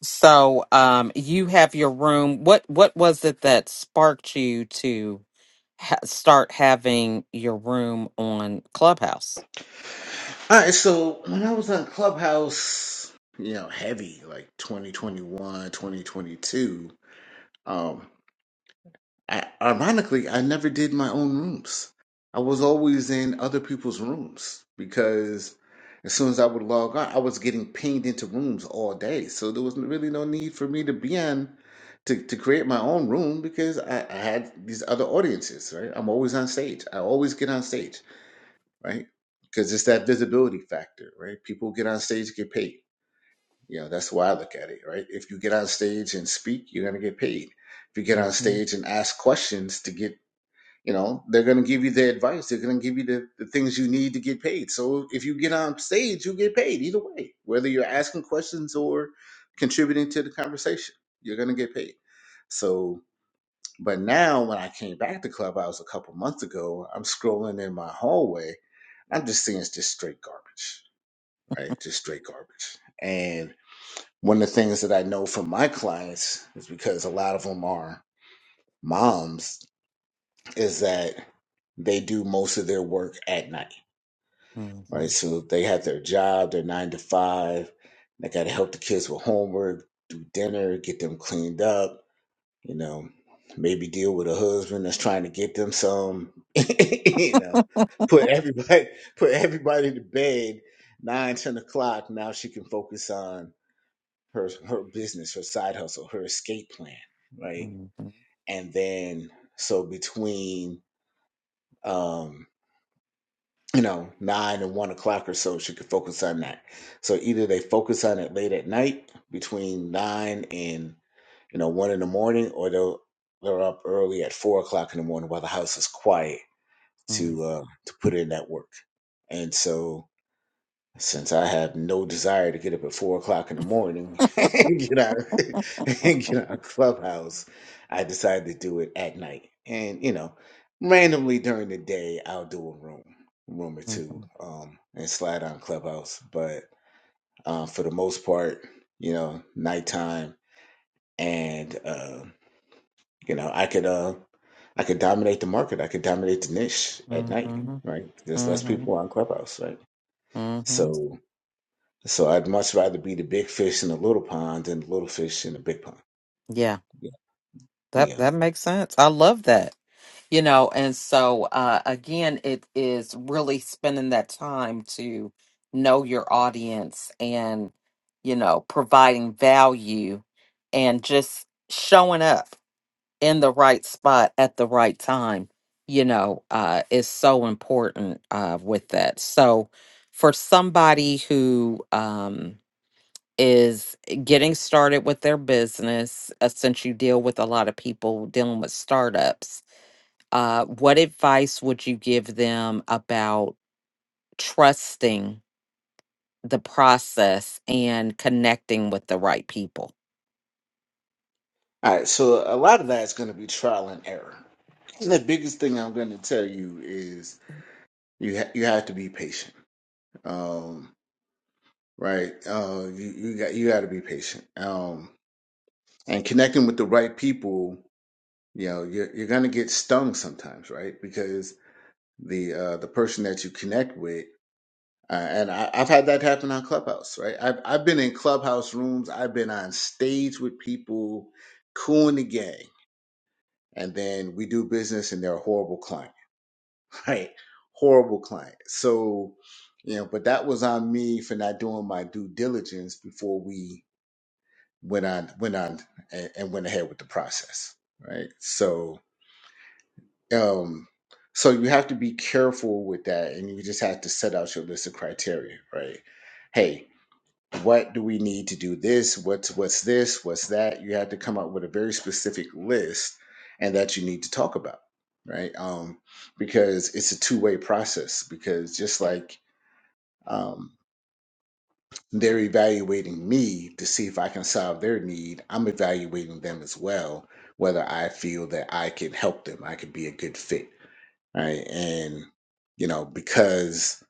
Speaker 1: So, um, you have your room. What what was it that sparked you to ha- start having your room on Clubhouse?
Speaker 2: All right, so when I was on Clubhouse, you know, heavy like 2021, 2022, um, I, ironically, I never did my own rooms. I was always in other people's rooms because as soon as I would log on, I was getting pinged into rooms all day. So there was really no need for me to be on to, to create my own room because I, I had these other audiences, right? I'm always on stage. I always get on stage right? Because it's that visibility factor, right? People get on stage get paid. You know, that's the way I look at it, right? If you get on stage and speak, you're gonna get paid. If you get on
Speaker 1: hmm
Speaker 2: stage and ask questions to get, you know, they're gonna give you the advice. They're gonna give you the, the things you need to get paid. So if you get on stage, you get paid either way, whether you're asking questions or contributing to the conversation, you're gonna get paid. So but now, when I came back to Clubhouse a couple months ago, I'm scrolling in my hallway. I'm just seeing it's just straight garbage, right? Just straight garbage. And one of the things that I know from my clients is because a lot of them are moms, is that they do most of their work at night, right? So they have their job, their nine to five. They got to help the kids with homework, do dinner, get them cleaned up you know maybe deal with a husband that's trying to get them some you know put everybody put everybody to bed nine ten o'clock now she can focus on her her business her side hustle her escape plan right
Speaker 1: hmm
Speaker 2: and then so between um you know nine and one o'clock or so she could focus on that so either they focus on it late at night between nine and. you know, one in the morning, or they'll they're up early at four o'clock in the morning while the house is quiet
Speaker 1: Mm.
Speaker 2: to uh, to put in that work. And so, since I have no desire to get up at four o'clock in the morning and get out and get out of clubhouse, I decided to do it at night. And you know, randomly during the day, I'll do a room, room or two,
Speaker 1: Mhm.
Speaker 2: um, and slide on clubhouse. But um, for the most part, you know, nighttime and. uh, you know, I could uh I could dominate the market. I could dominate the niche at night,
Speaker 1: Mhm.
Speaker 2: right? There's less
Speaker 1: Mhm.
Speaker 2: people on Clubhouse, right?
Speaker 1: Mhm.
Speaker 2: So so I'd much rather be the big fish in the little pond than the little fish in the big pond.
Speaker 1: Yeah.
Speaker 2: Yeah.
Speaker 1: That
Speaker 2: yeah.
Speaker 1: that makes sense. I love that. you know and so uh again it is really spending that time to know your audience and you know providing value and just showing up in the right spot at the right time you know uh is so important uh with that so for somebody who um is getting started with their business uh, since you deal with a lot of people dealing with startups uh, what advice would you give them about trusting the process and connecting with the right people?
Speaker 2: All right. So a lot of that is going to be trial and error. the biggest thing I'm going to tell you is you ha- you have to be patient. Um, right? Uh, you you got you got to be patient. Um, and connecting with the right people, you know, you're you're going to get stung sometimes, right? Because the uh, the person that you connect with. Uh, and I, I've had that happen on Clubhouse, right? I've I've been in Clubhouse rooms. I've been on stage with people, cool in the gang, and then we do business, and they're a horrible client, right? Horrible client. So, you know, but that was on me for not doing my due diligence before we went on went on and, and went ahead with the process, right? So, Um, so you have to be careful with that, and you just have to set out your list of criteria, right? Hey, what do we need to do this? What's what's this? What's that? You have to come up with a very specific list, and that you need to talk about, right? Um, because it's a two way process. Because just like um, they're evaluating me to see if I can solve their need, I'm evaluating them as well, whether I feel that I can help them, I can be a good fit right? And you know, because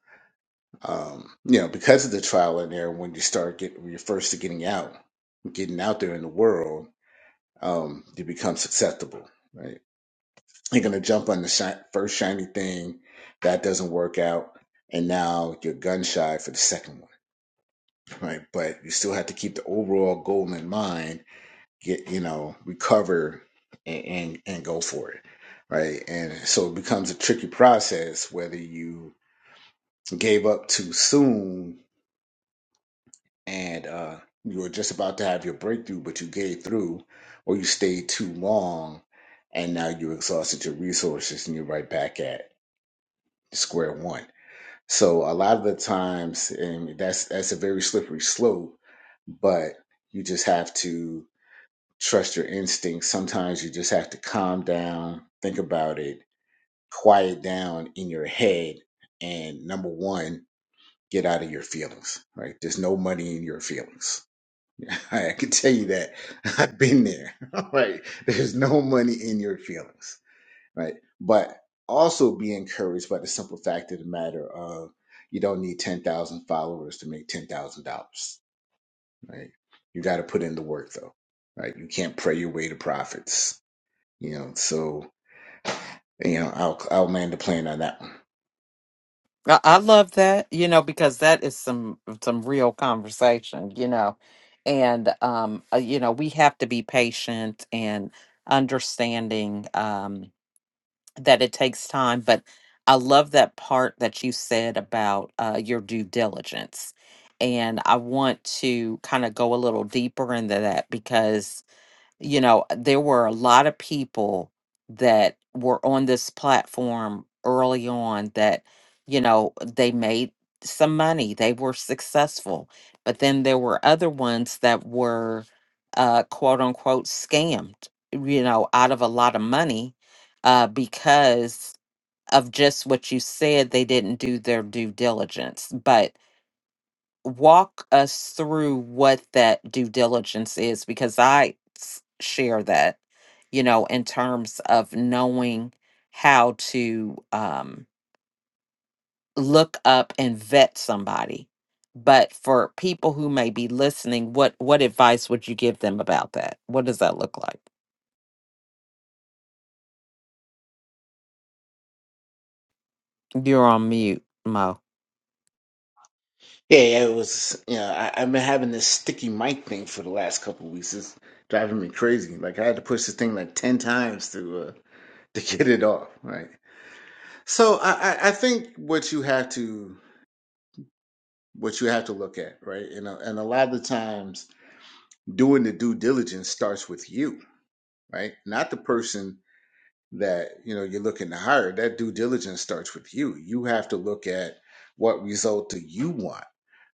Speaker 2: um, you know, because of the trial and error, when you start getting when you're first getting out, getting out there in the world, um, you become susceptible, right? You're gonna jump on the shi- first shiny thing that doesn't work out, and now you're gun shy for the second one, right? But you still have to keep the overall goal in mind. Get you know, recover and and, and go for it, right? And so it becomes a tricky process whether you gave up too soon and uh, you were just about to have your breakthrough, but you gave through or you stayed too long and now you exhausted your resources and you're right back at square one. So a lot of the times, and that's that's a very slippery slope, but you just have to trust your instincts. Sometimes you just have to calm down, think about it, quiet down in your head, and number one get out of your feelings, right? There's no money in your feelings. I can tell you that. I've been there, right? There's no money in your feelings, right? But also be encouraged by the simple fact of the matter of you don't need 10,000 followers to make $10,000, right? You got to put in the work though, right? You can't pray your way to profits, you know? So, you know, I'll, I'll land the plane on that one.
Speaker 1: I, I love that, you know, because that is some some real conversation, you know, and um, uh, you know, we have to be patient and understanding. Um, that it takes time but i love that part that you said about uh, your due diligence and i want to kind of go a little deeper into that because you know, there were a lot of people that were on this platform early on that, you know, they made some money, they were successful. But then there were other ones that were uh, quote unquote scammed, you know, out of a lot of money uh, because of just what you said, they didn't do their due diligence. But walk us through what that due diligence is because I s- share that, you know, in terms of knowing how to um, look up and vet somebody. But for people who may be listening, what what advice would you give them about that? What does that look like? You're on mute, Mo.
Speaker 2: Yeah, yeah, it was. You know, I, I've been having this sticky mic thing for the last couple of weeks. It's driving me crazy. Like I had to push this thing like ten times to uh, to get it off. Right. So I, I I think what you have to what you have to look at, right, and a, and a lot of the times doing the due diligence starts with you, right, not the person that you know you're looking to hire that due diligence starts with you you have to look at what result do you want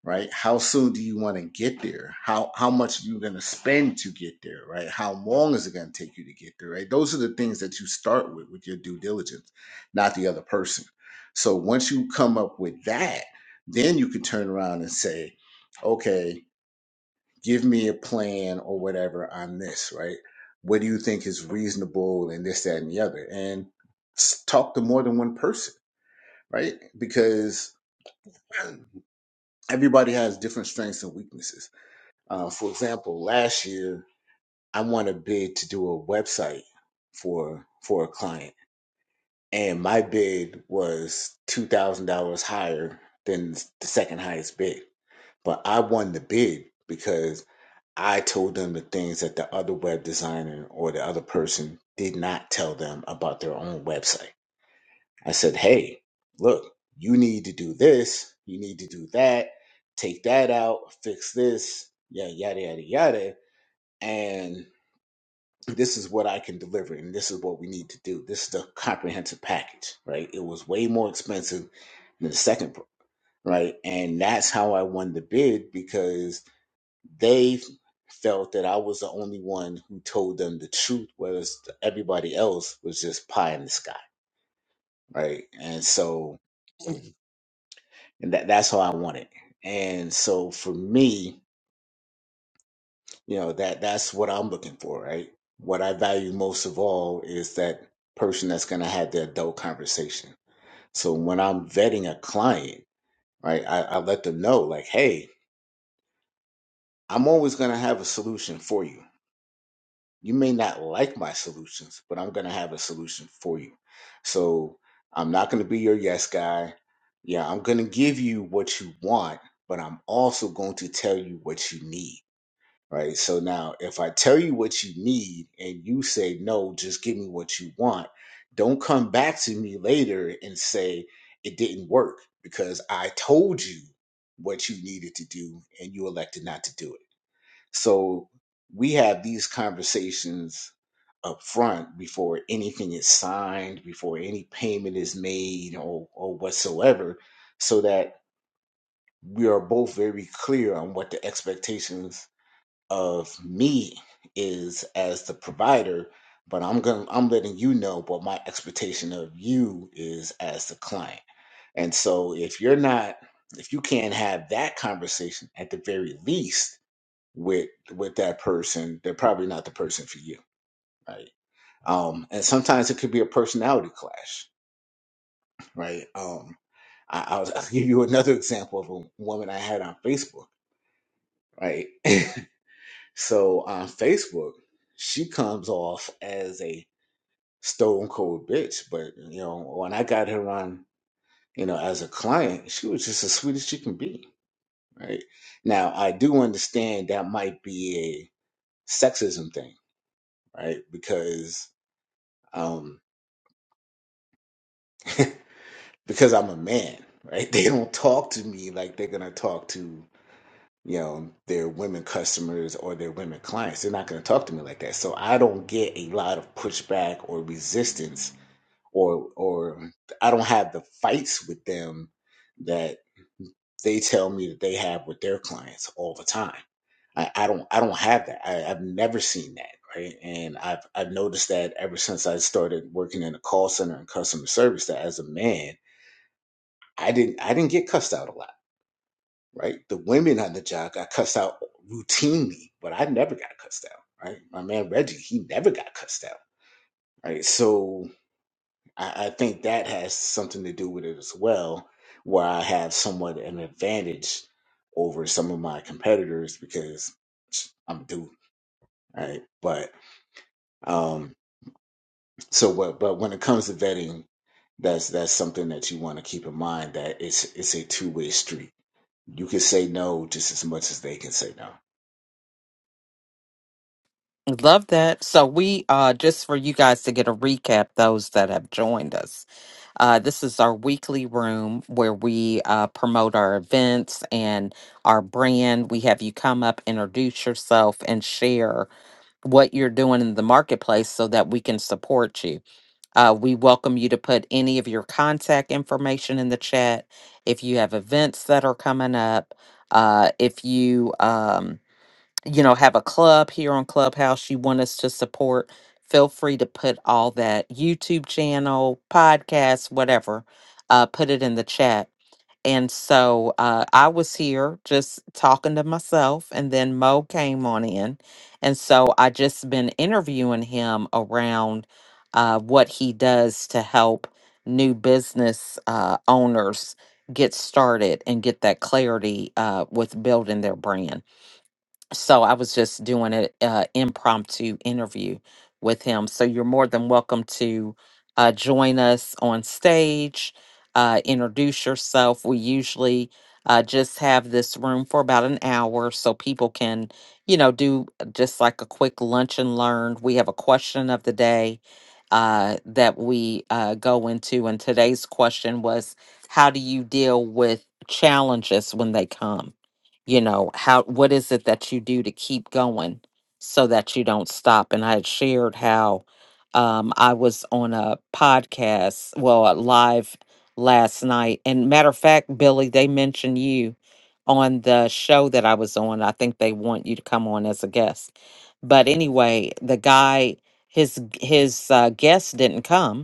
Speaker 2: right how soon do you want to get there how how much are you going to spend to get there right how long is it going to take you to get there right those are the things that you start with with your due diligence not the other person so once you come up with that then you can turn around and say okay give me a plan or whatever on this, right? What do you think is reasonable and this, that, and the other? And talk to more than one person, right? Because everybody has different strengths and weaknesses. Uh, for example, last year I won a bid to do a website for for a client, and my bid was two thousand dollars higher than the second highest bid. But I won the bid because I told them the things that the other web designer or the other person did not tell them about their own website. I said, hey, look, you need to do this, you need to do that, take that out, fix this, yeah, yada, yada, yada. And this is what I can deliver, and this is what we need to do. This is the comprehensive package, right? It was way more expensive than the second, right? And that's how I won the bid because they felt that I was the only one who told them the truth, whereas everybody else was just pie in the sky, right? And so, and that that's how I want it. And so for me, you know that that's what I'm looking for, right? What I value most of all is that person that's going to have the adult conversation. So when I'm vetting a client, right, I, I let them know like, hey, I'm always going to have a solution for you you may not like my solutions, but I'm going to have a solution for you. So I'm not going to be your yes guy. Yeah, I'm going to give you what you want, but I'm also going to tell you what you need. Right. So now, if I tell you what you need and you say, no, just give me what you want, don't come back to me later and say it didn't work because I told you what you needed to do and you elected not to do it so we have these conversations up front before anything is signed, before any payment is made or, or whatsoever, so that we are both very clear on what the expectations of me is as the provider, but I'm going to I'm letting you know what my expectation of you is as the client. And so if you're not if you can't have that conversation at the very least, with with that person, they're probably not the person for you, right? Um, and sometimes it could be a personality clash, right? Um, I, I'll, I'll give you another example of a woman I had on Facebook, right? so on Facebook, she comes off as a stone cold bitch, but you know when I got her on, you know, as a client, she was just as sweet as she can be, right? Now I do understand that might be a sexism thing, right? Because um, because I'm a man, right? They don't talk to me like they're gonna talk to you know their women customers or their women clients. They're not gonna talk to me like that, so I don't get a lot of pushback or resistance, or or I don't have the fights with them that they tell me that they have with their clients all the time. I, I don't I don't have that. I, I've never seen that, right? And I've I've noticed that ever since I started working in a call center and customer service that as a man I didn't I didn't get cussed out a lot, right? The women on the job got cussed out routinely, but I never got cussed out, right? My man Reggie, he never got cussed out, right? So I, I think that has something to do with it as well, where I have somewhat an advantage over some of my competitors because I'm a dude, right? But um, so but but when it comes to vetting, that's that's something that you want to keep in mind that it's it's a two way street You can say no just as much as they can say no.
Speaker 1: Love that. So we uh just for you guys to get a recap, those that have joined us. Uh this is our weekly room where we uh promote our events and our brand. We have you come up, introduce yourself, and share what you're doing in the marketplace so that we can support you. Uh we welcome you to put any of your contact information in the chat if you have events that are coming up. Uh if you um you know, have a club here on Clubhouse you want us to support, feel free to put all that YouTube channel, podcast, whatever, uh, put it in the chat. And so uh, I was here just talking to myself, and then Mo came on in. And so I just been interviewing him around uh, what he does to help new business uh, owners get started and get that clarity uh, with building their brand so I was just doing an uh, impromptu interview with him. So you're more than welcome to uh, join us on stage, uh, introduce yourself. We usually uh, just have this room for about an hour so people can, you know, do just like a quick lunch and learn. We have a question of the day uh, that we uh, go into. And today's question was how do you deal with challenges when they come? you know how what is it that you do to keep going so that you don't stop and i had shared how um i was on a podcast well a live last night and matter of fact billy they mentioned you on the show that i was on i think they want you to come on as a guest but anyway the guy his his uh, guest didn't come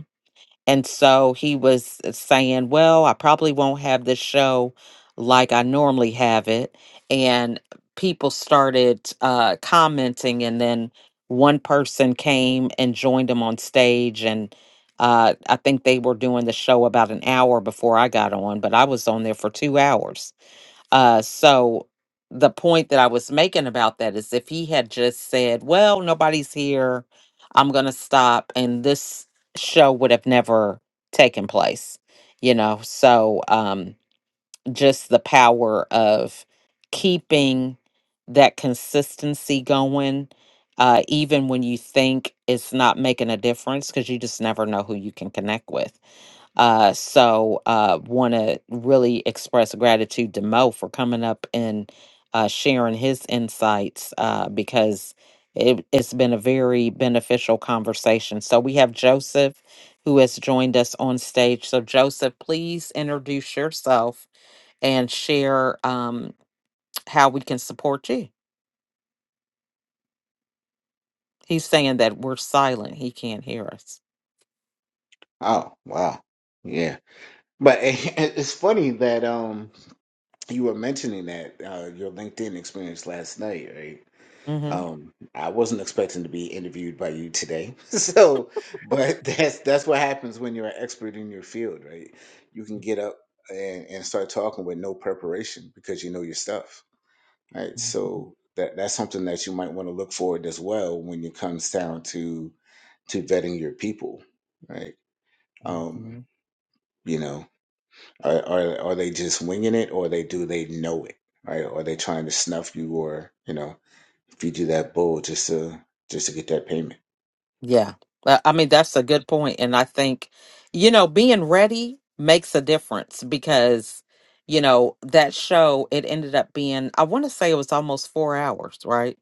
Speaker 1: and so he was saying, Well, I probably won't have this show like I normally have it. And people started uh, commenting, and then one person came and joined him on stage. And uh, I think they were doing the show about an hour before I got on, but I was on there for two hours uh, so the point that I was making about that is if he had just said, well, nobody's here, I'm going to stop, and this show would have never taken place, you know? So um, just the power of keeping that consistency going. Uh, even when you think it's not making a difference, because you just never know who you can connect with uh, so uh, want to really express gratitude to Mo for coming up and uh, sharing his insights uh, because it, it's been a very beneficial conversation. So we have Joseph who has joined us on stage. So Joseph, please introduce yourself and share um, how we can support you. He's saying that we're silent; he can't hear us.
Speaker 2: Oh, wow. Yeah. But it's funny that um you were mentioning that uh, your LinkedIn experience last night, right? Um, I wasn't expecting to be interviewed by you today. So, but that's that's what happens when you're an expert in your field, right? You can get up and, and start talking with no preparation because you know your stuff. right?
Speaker 1: Mm-hmm.
Speaker 2: So that that's something that you might want to look forward as well when it comes down to to vetting your people, right? Um, you know, are are, are they just winging it, or they do they know it, right? Are they trying to snuff you, or you know, feed you that bull just to just to get that payment?
Speaker 1: Yeah. Uh, I mean, that's a good point. And I think, you know, being ready makes a difference because, you know, that show, it ended up being, I want to say it was almost four hours, right?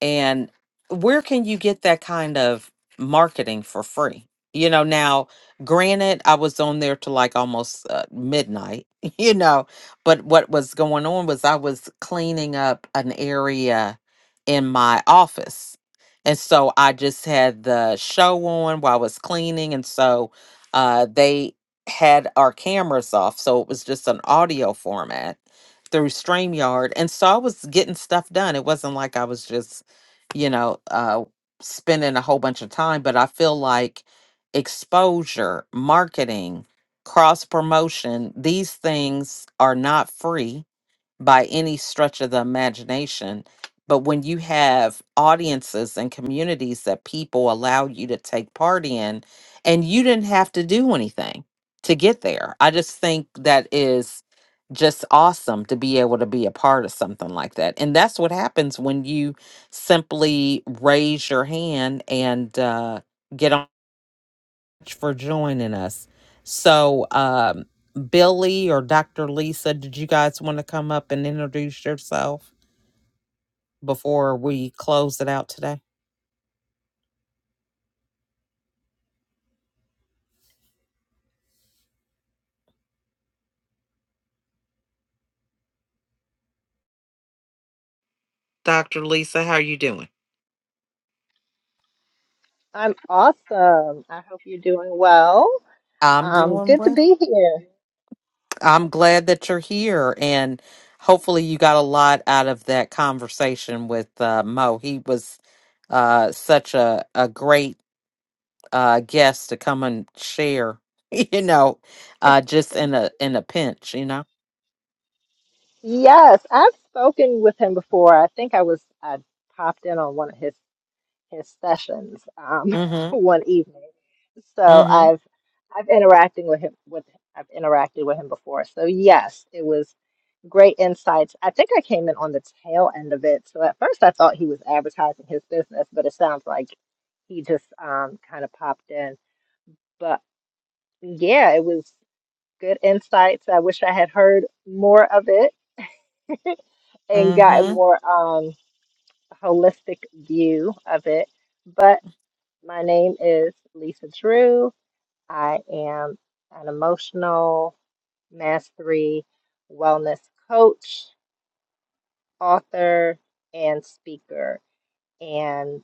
Speaker 1: and where can you get that kind of marketing for free you know now granted i was on there to like almost uh, midnight you know but what was going on was i was cleaning up an area in my office and so i just had the show on while i was cleaning and so uh, they had our cameras off so it was just an audio format through StreamYard. And so I was getting stuff done. It wasn't like I was just you know, uh, spending a whole bunch of time, but I feel like exposure, marketing, cross promotion, these things are not free by any stretch of the imagination. But when you have audiences and communities that people allow you to take part in, and you didn't have to do anything to get there, I just think that is just awesome to be able to be a part of something like that. And that's what happens when you simply raise your hand and uh, get on for joining us. So, um, Billy or Dr. Lisa, did you guys want to come up and introduce yourself before we close it out today? Dr. Lisa, how are you doing?
Speaker 3: I'm awesome. I hope you're doing well.
Speaker 1: I'm
Speaker 3: Um,
Speaker 1: doing
Speaker 3: good to
Speaker 1: well.
Speaker 3: be here.
Speaker 1: I'm glad that you're here, and hopefully, you got a lot out of that conversation with uh, Mo. He was uh, such a a great uh, guest to come and share. You know, uh, just in a in a pinch. You know.
Speaker 3: Yes, I've spoken with him before. I think I was I popped in on one of his his sessions um,
Speaker 1: Mm-hmm.
Speaker 3: one evening. So
Speaker 1: Mm-hmm.
Speaker 3: I've I've interacting with him with I've interacted with him before. So yes, it was great insights. I think I came in on the tail end of it. So at first I thought he was advertising his business, but it sounds like he just um, kind of popped in. But yeah, it was. good insights. I wish I had heard more of it and gotten
Speaker 1: Mm-hmm.
Speaker 3: more um holistic view of it. But my name is Lisa Drew. I am an emotional mastery wellness coach, author, and speaker. And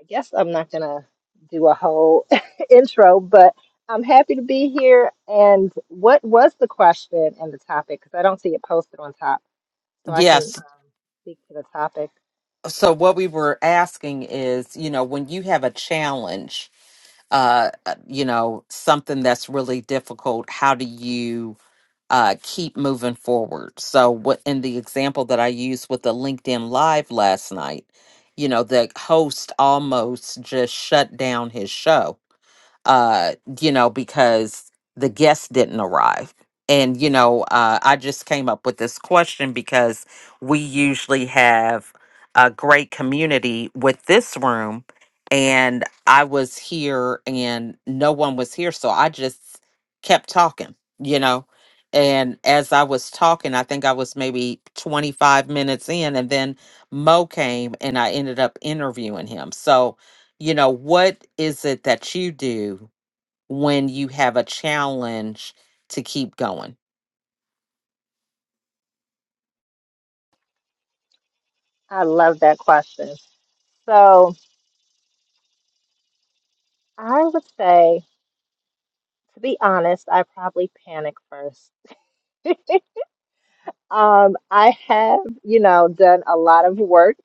Speaker 3: I guess I'm not gonna do a whole intro, but I'm happy to be here. And what was the question and the topic? Because I don't see it posted on top. so I can
Speaker 1: Yes.
Speaker 3: um, speak to the topic.
Speaker 1: So what we were asking is, you know, when you have a challenge, uh, uh, you know, something that's really difficult, how do you uh keep moving forward? So what in the example that I used with the LinkedIn Live last night, you know, the host almost just shut down his show uh, you know, because the guests didn't arrive. And, you know, uh, I just came up with this question because we usually have a great community with this room. And I was here and no one was here. So I just kept talking, you know. And as I was talking, I think I was maybe 25 minutes in, and then Mo came and I ended up interviewing him. So, you know, what is it that you do when you have a challenge to keep going.
Speaker 3: I love that question. So I would say, to be honest, I probably panic first. Um, I have, you know, done a lot of work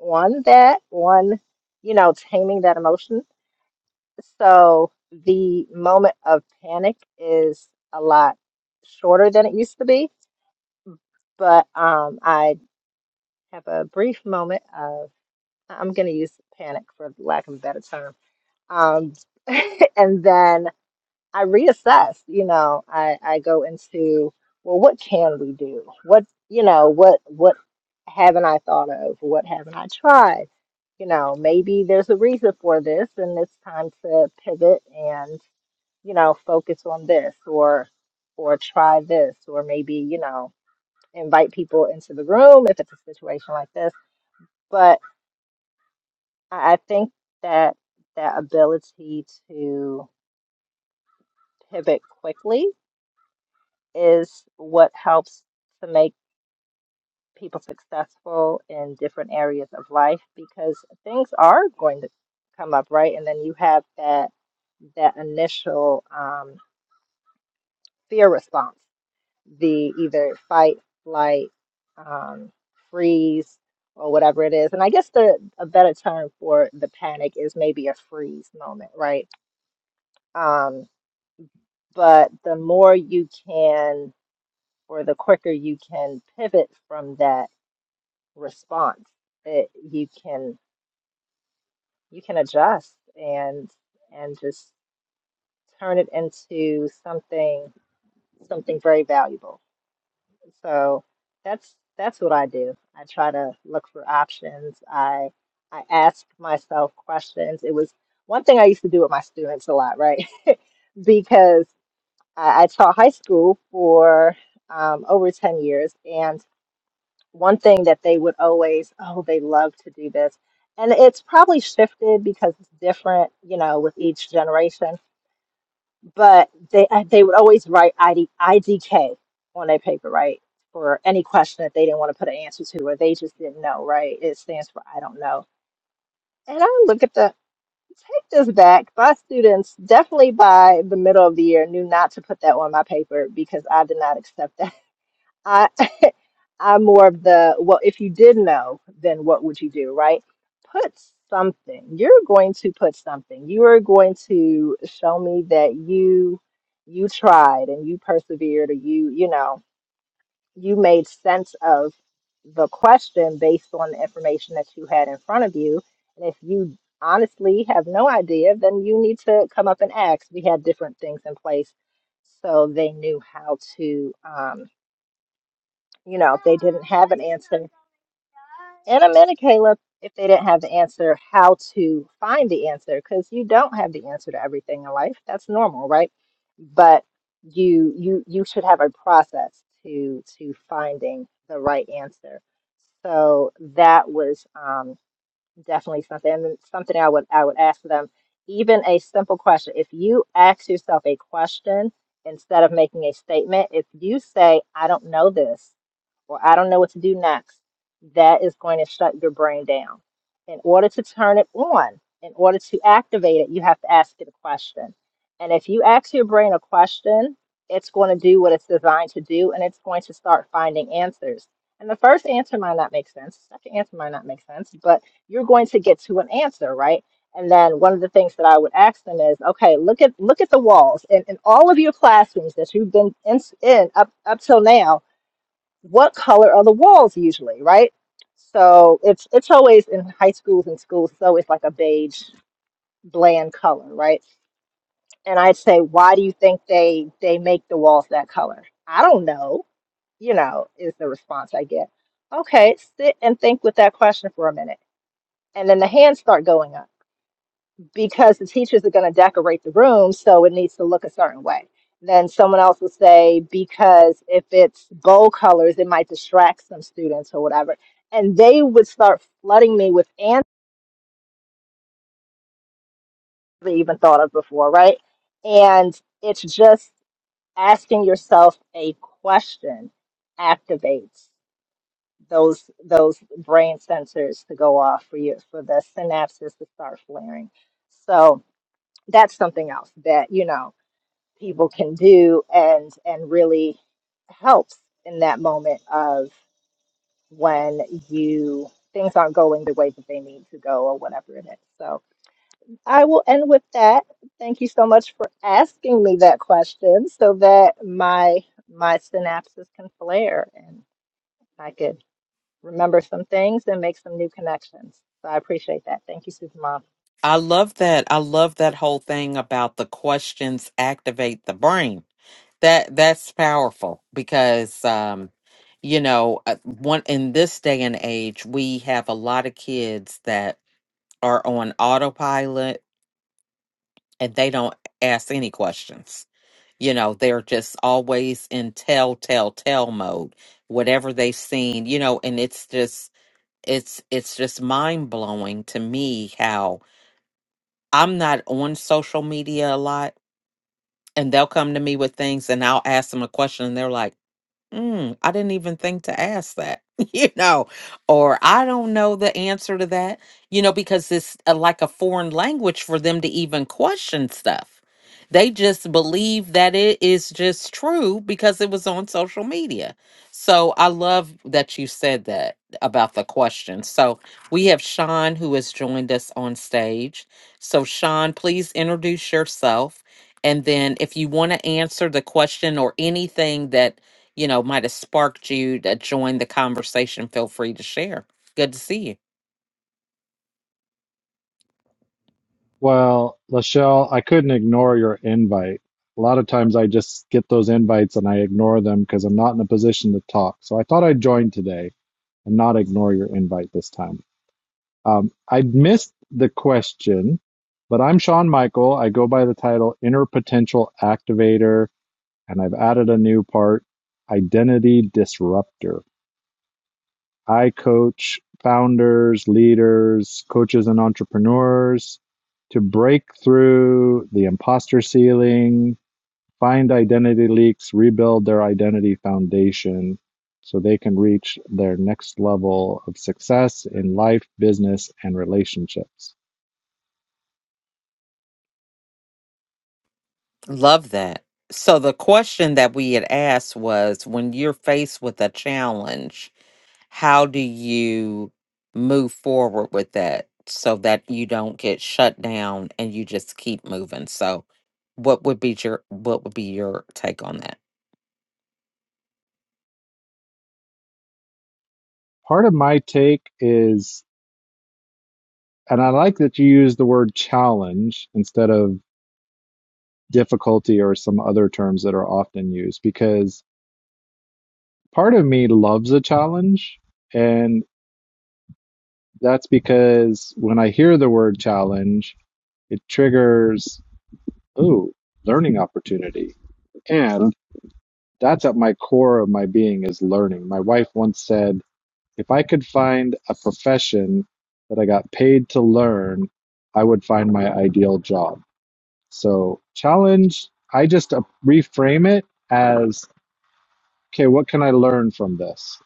Speaker 3: on that, on, you know, taming that emotion. So the moment of panic is a lot shorter than it used to be, but um, I have a brief moment of, I'm going to use panic for lack of a better term Um, and then I reassess, you know, I, I go into, well, what can we do? What, you know, what, what haven't I thought of? What haven't I tried? You know, maybe there's a reason for this and it's time to pivot and, you know, focus on this or, or try this, or maybe, you know, invite people into the room if it's a situation like this. But I I think that that ability to pivot quickly is what helps to make people successful in different areas of life because things are going to come up, right? And then you have that that initial um, fear response, the either fight, flight, um, freeze, or whatever it is. And I guess the a better term for the panic is maybe a freeze moment, right? Um, but the more you can or the quicker you can pivot from that response that you can you can adjust and and just turn it into something something very valuable so that's that's what i do i try to look for options i i ask myself questions it was one thing i used to do with my students a lot right because i, I taught high school for um, over 10 years and. one thing that they would always, oh, they love to do this. And it's probably shifted because it's different, you know, with each generation. But they uh, they would always write ID, IDK on their paper, right? For any question that they didn't want to put an answer to or they just didn't know, right? It stands for I don't know. And I look at the take this back. My students definitely by the middle of the year knew not to put that on my paper because I did not accept that. I I'm more of the, well, if you did know, then what would you do, right? Put something. You're going to put something. You are going to show me that you you tried and you persevered or you, you know, you made sense of the question based on the information that you had in front of you. And if you honestly have no idea, then you need to come up and ask. We had different things in place so they knew how to um, you know, if they didn't have an answer in a minute, Caleb, if they didn't have the answer, how to find the answer, because you don't have the answer to everything in life. That's normal, right? But you you you should have a process to to finding the right answer. So that was um, definitely something and something I would I would ask them even a simple question if you ask yourself a question instead of making a statement if you say I don't know this or I don't know what to do next that is going to shut your brain down in order to turn it on in order to activate it you have to ask it a question and if you ask your brain a question it's going to do what it's designed to do and it's going to start finding answers and the first answer might not make sense second answer might not make sense but you're going to get to an answer, right? And then one of the things that I would ask them is, okay, look at look at the walls in in all of your classrooms that you've been in, in up up till now, what color are the walls usually, right? So it's it's always in high schools and schools, it's always like a beige bland color, right? And I'd say, why do you think they they make the walls that color? I don't know, you know, is the response I get. Okay, sit and think with that question for a minute. And then the hands start going up because the teachers are going to decorate the room, so it needs to look a certain way. Then someone else will say, because if it's bold colors, it might distract some students or whatever. And they would start flooding me with answers I even thought of before, right? And it's just asking yourself a question activates those those brain sensors to go off for you for the synapses to start flaring. So that's something else that you know people can do and and really helps in that moment of when you things aren't going the way that they need to go or whatever it is. So I will end with that. Thank you so much for asking me that question so that my my synapses can flare and I could remember some things and make some new connections. So I appreciate that. Thank you, Supermom.
Speaker 1: I love that. I love that whole thing about the questions activate the brain. That that's powerful because um you know uh, one in this day and age we have a lot of kids that are on autopilot and they don't ask any questions. You know, they're just always in tell, tell, tell mode, whatever they've seen, you know, and it's just, it's, it's just mind blowing to me how I'm not on social media a lot and they'll come to me with things and I'll ask them a question and they're like, Mm, I didn't even think to ask that, you know, or I don't know the answer to that, you know, because it's a, like a foreign language for them to even question stuff. They just believe that it is just true because it was on social media. So I love that you said that about the question. So we have Sean who has joined us on stage. So, Sean, please introduce yourself. And then if you want to answer the question or anything that you know, might have sparked you to join the conversation, feel free to share. Good to see you.
Speaker 4: Well, Lachelle, I couldn't ignore your invite. A lot of times I just get those invites and I ignore them because I'm not in a position to talk. So I thought I'd join today and not ignore your invite this time. Um, I missed the question, but I'm Sean Michael. I go by the title Inner Potential Activator, and I've added a new part, Identity Disruptor. I coach founders, leaders, coaches, and entrepreneurs to break through the imposter ceiling, find identity leaks, rebuild their identity foundation so they can reach their next level of success in life, business, and relationships.
Speaker 1: Love that. So, the question that we had asked was when you're faced with a challenge, how do you move forward with that so that you don't get shut down and you just keep moving so what would be your what would be your take on that
Speaker 4: Part of my take is, and I like that you use the word challenge instead of difficulty or some other terms that are often used because part of me loves a challenge, and that's because when I hear the word challenge, it triggers, ooh, learning opportunity. And that's at my core of my being is learning. My wife once said, if I could find a profession that I got paid to learn, I would find my ideal job. So, challenge, I just uh, reframe it as, okay, what can I learn from this?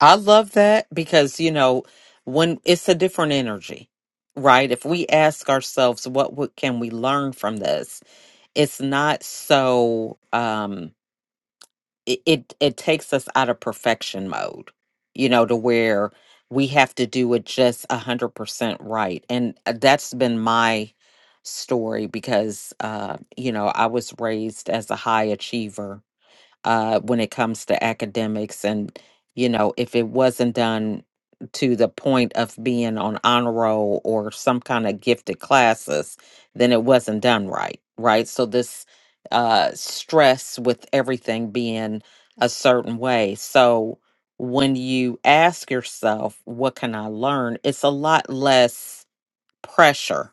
Speaker 1: i love that because you know when it's a different energy right if we ask ourselves what, what can we learn from this it's not so um it, it it takes us out of perfection mode you know to where we have to do it just a hundred percent right and uh, that's been my story because uh you know i was raised as a high achiever uh, when it comes to academics. And, you know, if it wasn't done to the point of being on honor roll or some kind of gifted classes, then it wasn't done right, right? So this uh, stress with everything being a certain way. So when you ask yourself, what can I learn? It's a lot less pressure,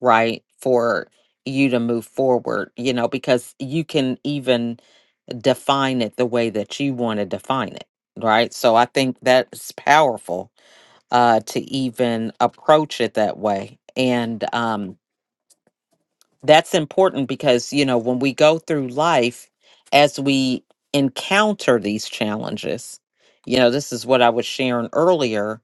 Speaker 1: right? For you to move forward, you know, because you can even define it the way that you want to define it right so i think that's powerful uh to even approach it that way and um, that's important because you know when we go through life as we encounter these challenges you know this is what i was sharing earlier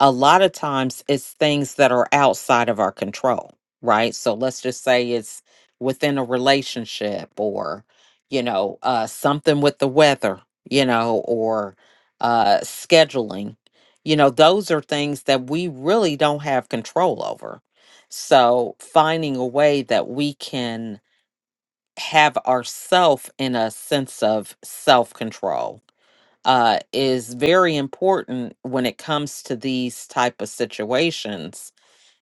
Speaker 1: a lot of times it's things that are outside of our control right so let's just say it's within a relationship or you know uh something with the weather you know or uh scheduling you know those are things that we really don't have control over so finding a way that we can have ourself in a sense of self-control uh, is very important when it comes to these type of situations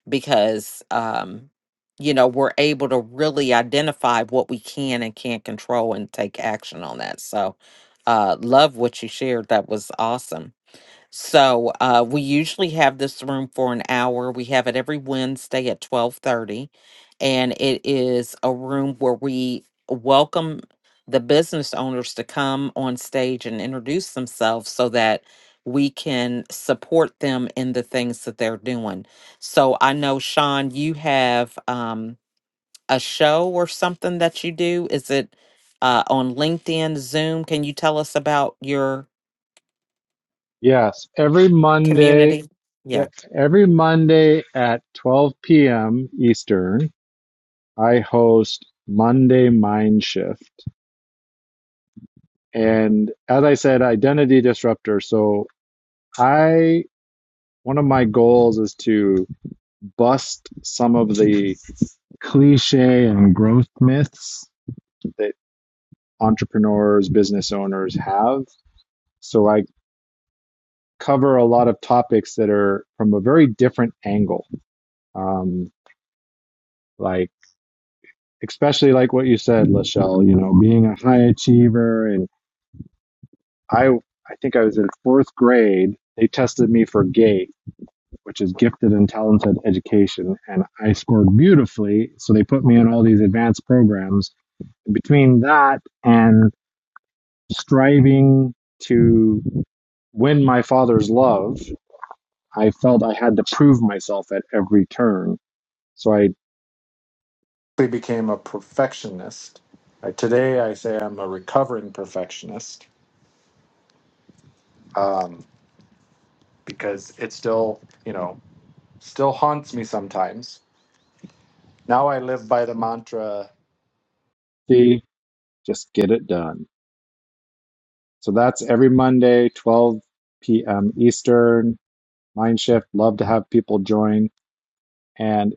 Speaker 1: because um, you know we're able to really identify what we can and can't control and take action on that. So uh, love what you shared. That was awesome. So uh, we usually have this room for an hour. We have it every Wednesday at twelve thirty, and it is a room where we welcome the business owners to come on stage and introduce themselves so that we can support them in the things that they're doing. So I know Sean, you have um, a show or something that you do. Is it uh, on LinkedIn, Zoom? Can you tell us about your
Speaker 4: Yes, every Monday,
Speaker 1: community?
Speaker 4: yeah, every Monday at 12 p.m. Eastern, I host Monday Mind Shift. And as I said, identity disruptor. So I, one of my goals is to bust some of the cliche and growth myths that entrepreneurs, business owners have. So I cover a lot of topics that are from a very different angle. Um, like especially like what you said, Lachelle, you know, being a high achiever. And I, I think I was in fourth grade. They tested me for GATE, which is gifted and talented education. And I scored beautifully. So they put me in all these advanced programs. And between that and striving to win my father's love, I felt I had to prove myself at every turn. So I became a perfectionist. Uh, Today, I say I'm a recovering perfectionist. um, because it still, you know, still haunts me sometimes. Now I live by the mantra. See, just get it done. So that's every Monday, 12 p.m. Eastern, Mindshift. Love to have people join. And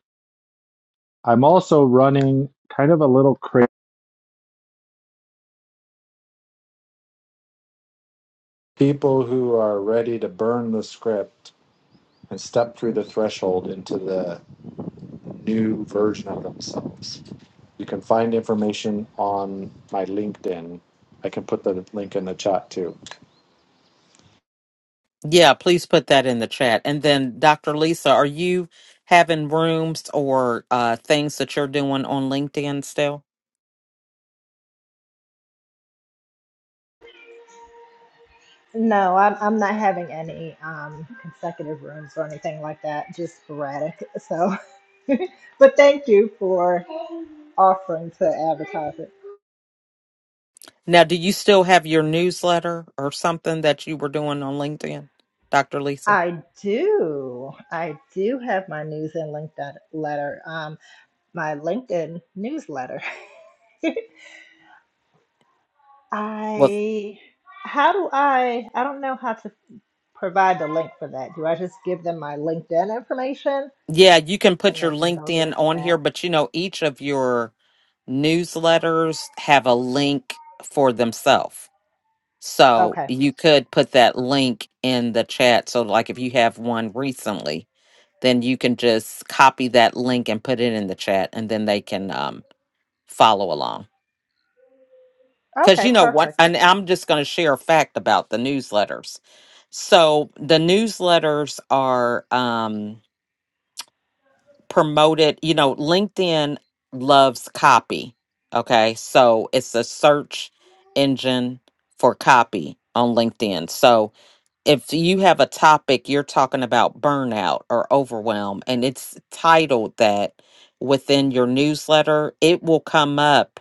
Speaker 4: I'm also running kind of a little crazy. People who are ready to burn the script and step through the threshold into the new version of themselves. You can find information on my LinkedIn. I can put the link in the chat too.
Speaker 1: Yeah, please put that in the chat. And then, Dr. Lisa, are you having rooms or uh, things that you're doing on LinkedIn still?
Speaker 3: No, I'm I'm not having any um consecutive rooms or anything like that, just sporadic. So, but thank you for offering to advertise it.
Speaker 1: Now, do you still have your newsletter or something that you were doing on LinkedIn, Dr. Lisa?
Speaker 3: I do. I do have my news and LinkedIn letter, um, my LinkedIn newsletter.
Speaker 1: Well,
Speaker 3: I, how do I, I don't know how to provide the link for that. Do I just give them my LinkedIn information
Speaker 1: yeah, you can
Speaker 3: and
Speaker 1: put your
Speaker 3: they can go
Speaker 1: LinkedIn
Speaker 3: there from
Speaker 1: on
Speaker 3: that?
Speaker 1: here, but you know, each of your newsletters have a link for themselves. So
Speaker 3: Okay.
Speaker 1: you could put that link in the chat. So, like, if you have one recently, then you can just copy that link and put it in the chat, and then they can um, follow along. Because
Speaker 3: Okay.
Speaker 1: you know what?
Speaker 3: Perfect.
Speaker 1: And I'm just going to share a fact about the newsletters. So, the newsletters are um, promoted, you know, LinkedIn loves copy. Okay. So, it's a search engine for copy on LinkedIn. So, if you have a topic you're talking about burnout or overwhelm and it's titled that within your newsletter it will come up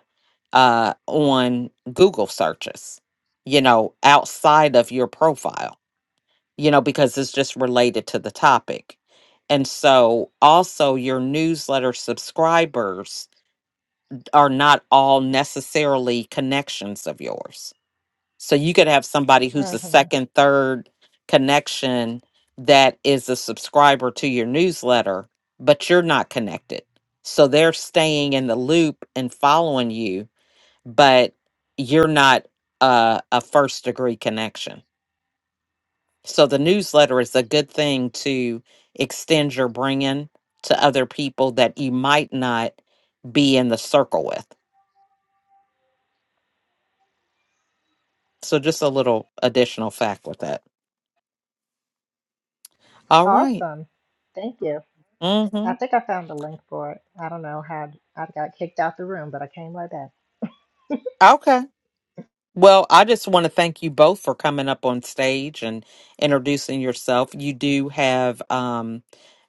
Speaker 1: uh, on google searches you know outside of your profile you know because it's just related to the topic and so also your newsletter subscribers are not all necessarily connections of yours so you could have somebody who's a
Speaker 3: hmm
Speaker 1: second, third connection that is a subscriber to your newsletter, but you're not connected. So they're staying in the loop and following you, but you're not a, a first degree connection. So the newsletter is a good thing to extend your bringing to other people that you might not be in the circle with. So just a little additional fact with that. All right.
Speaker 3: Awesome. Thank you. I
Speaker 1: Mm-hmm.
Speaker 3: think I found the link for it. I don't know how I got kicked out the room, but I came right back.
Speaker 1: Okay. Well, I just want to thank you both for coming up on stage and introducing yourself. You do have um,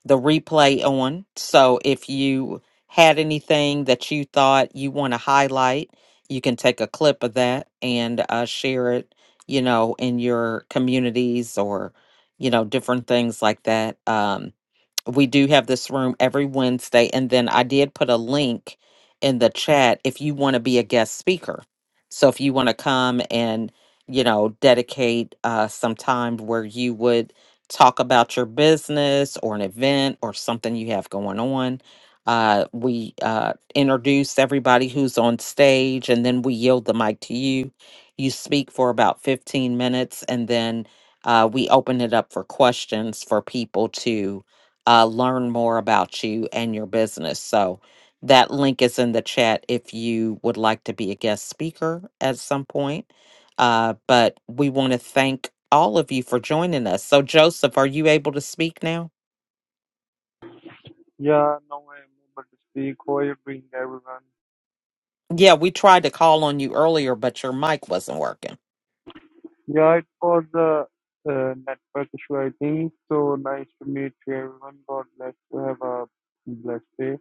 Speaker 1: the replay on. So if you had anything that you thought you want to highlight, you can take a clip of that and uh, share it, you know, in your communities or, you know, different things like that. Um, we do have this room every Wednesday. And then I did put a link in the chat if you want to be a guest speaker. So if you want to come and, you know, dedicate uh, some time where you would talk about your business or an event or something you have going on. Uh, we uh, introduce everybody who's on stage and then we yield the mic to you. You speak for about 15 minutes and then uh, we open it up for questions for people to uh, learn more about you and your business. So that link is in the chat if you would like to be a guest speaker at some point. Uh, but we want to thank all of you for joining us. So, Joseph, are you able to speak now?
Speaker 5: Yeah, now I'm able to speak. How are you doing, everyone?
Speaker 1: Yeah, we tried to call on you earlier, but your mic wasn't working.
Speaker 5: Yeah, it was a uh, network issue, I think. So nice to meet you, everyone. God bless you. Have a blessed day.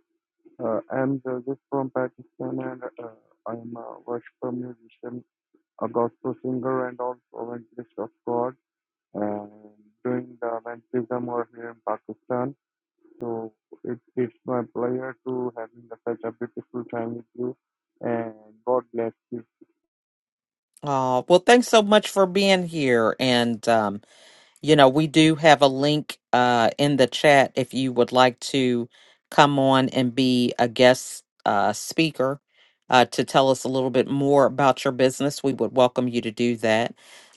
Speaker 5: Uh, I'm Joseph from Pakistan and uh, I'm a worshiper musician, a gospel singer, and also evangelist of God. And doing the evangelism over here in Pakistan. So it, it's my pleasure to having such a beautiful time with you. And God bless you.
Speaker 1: Oh well, thanks so much for being here. And um, you know, we do have a link uh, in the chat if you would like to come on and be a guest uh, speaker uh, to tell us a little bit more about your business. We would welcome you to do that.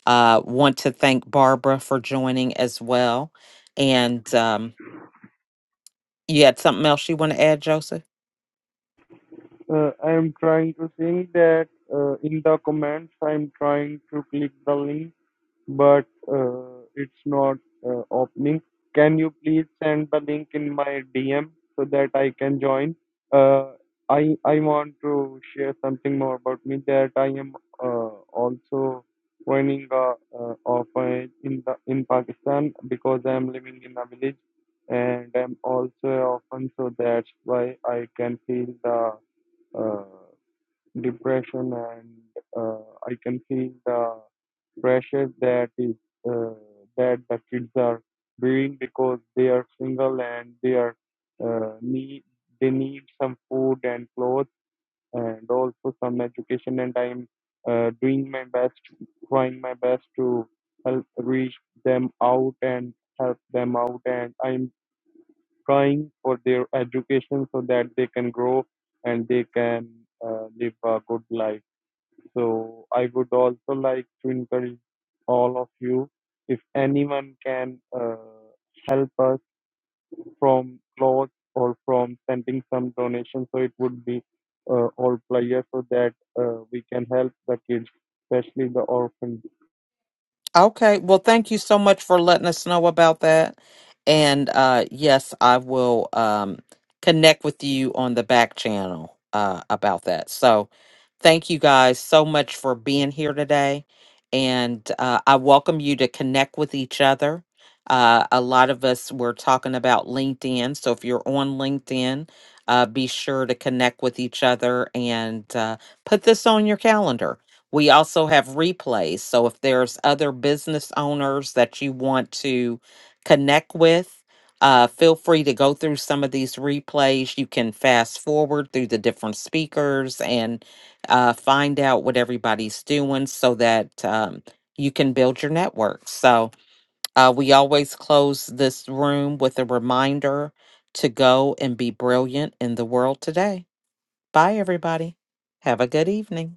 Speaker 1: Uh, want to thank Barbara for joining as well. And um, you had something else you want to add, Joseph?
Speaker 5: Uh, I am trying to saying that uh, in the comments I'm trying to click the link, but uh, it's not uh, opening. Can you please send the link in my DM so that I can join? Uh, I I want to share something more about me that I am uh, also running a uh, orphanage in the in Pakistan because I am living in a village and I'm also an orphan, so that's why I can feel the uh, depression and uh, I can feel the pressure that is uh, that the kids are doing because they are single and they are uh, need they need some food and clothes and also some education and I'm uh, doing my best trying my best to help reach them out and help them out and I'm trying for their education so that they can grow and they can uh, live a good life. So I would also like to encourage all of you if anyone can uh, help us from clothes or from sending some donation, so it would be uh, all players so that uh, we can help the kids, especially the orphans.
Speaker 1: Okay. Well, thank you so much for letting us know about that. And uh, yes, I will um, connect with you on the back channel uh, about that. So thank you guys so much for being here today. And uh, I welcome you to connect with each other. Uh, a lot of us were talking about LinkedIn. So if you're on LinkedIn, uh, be sure to connect with each other and uh, put this on your calendar we also have replays. So if there's other business owners that you want to connect with, uh, feel free to go through some of these replays. You can fast forward through the different speakers and uh, find out what everybody's doing so that um, you can build your network. So uh, we always close this room with a reminder to go and be brilliant in the world today. Bye, everybody. Have a good evening.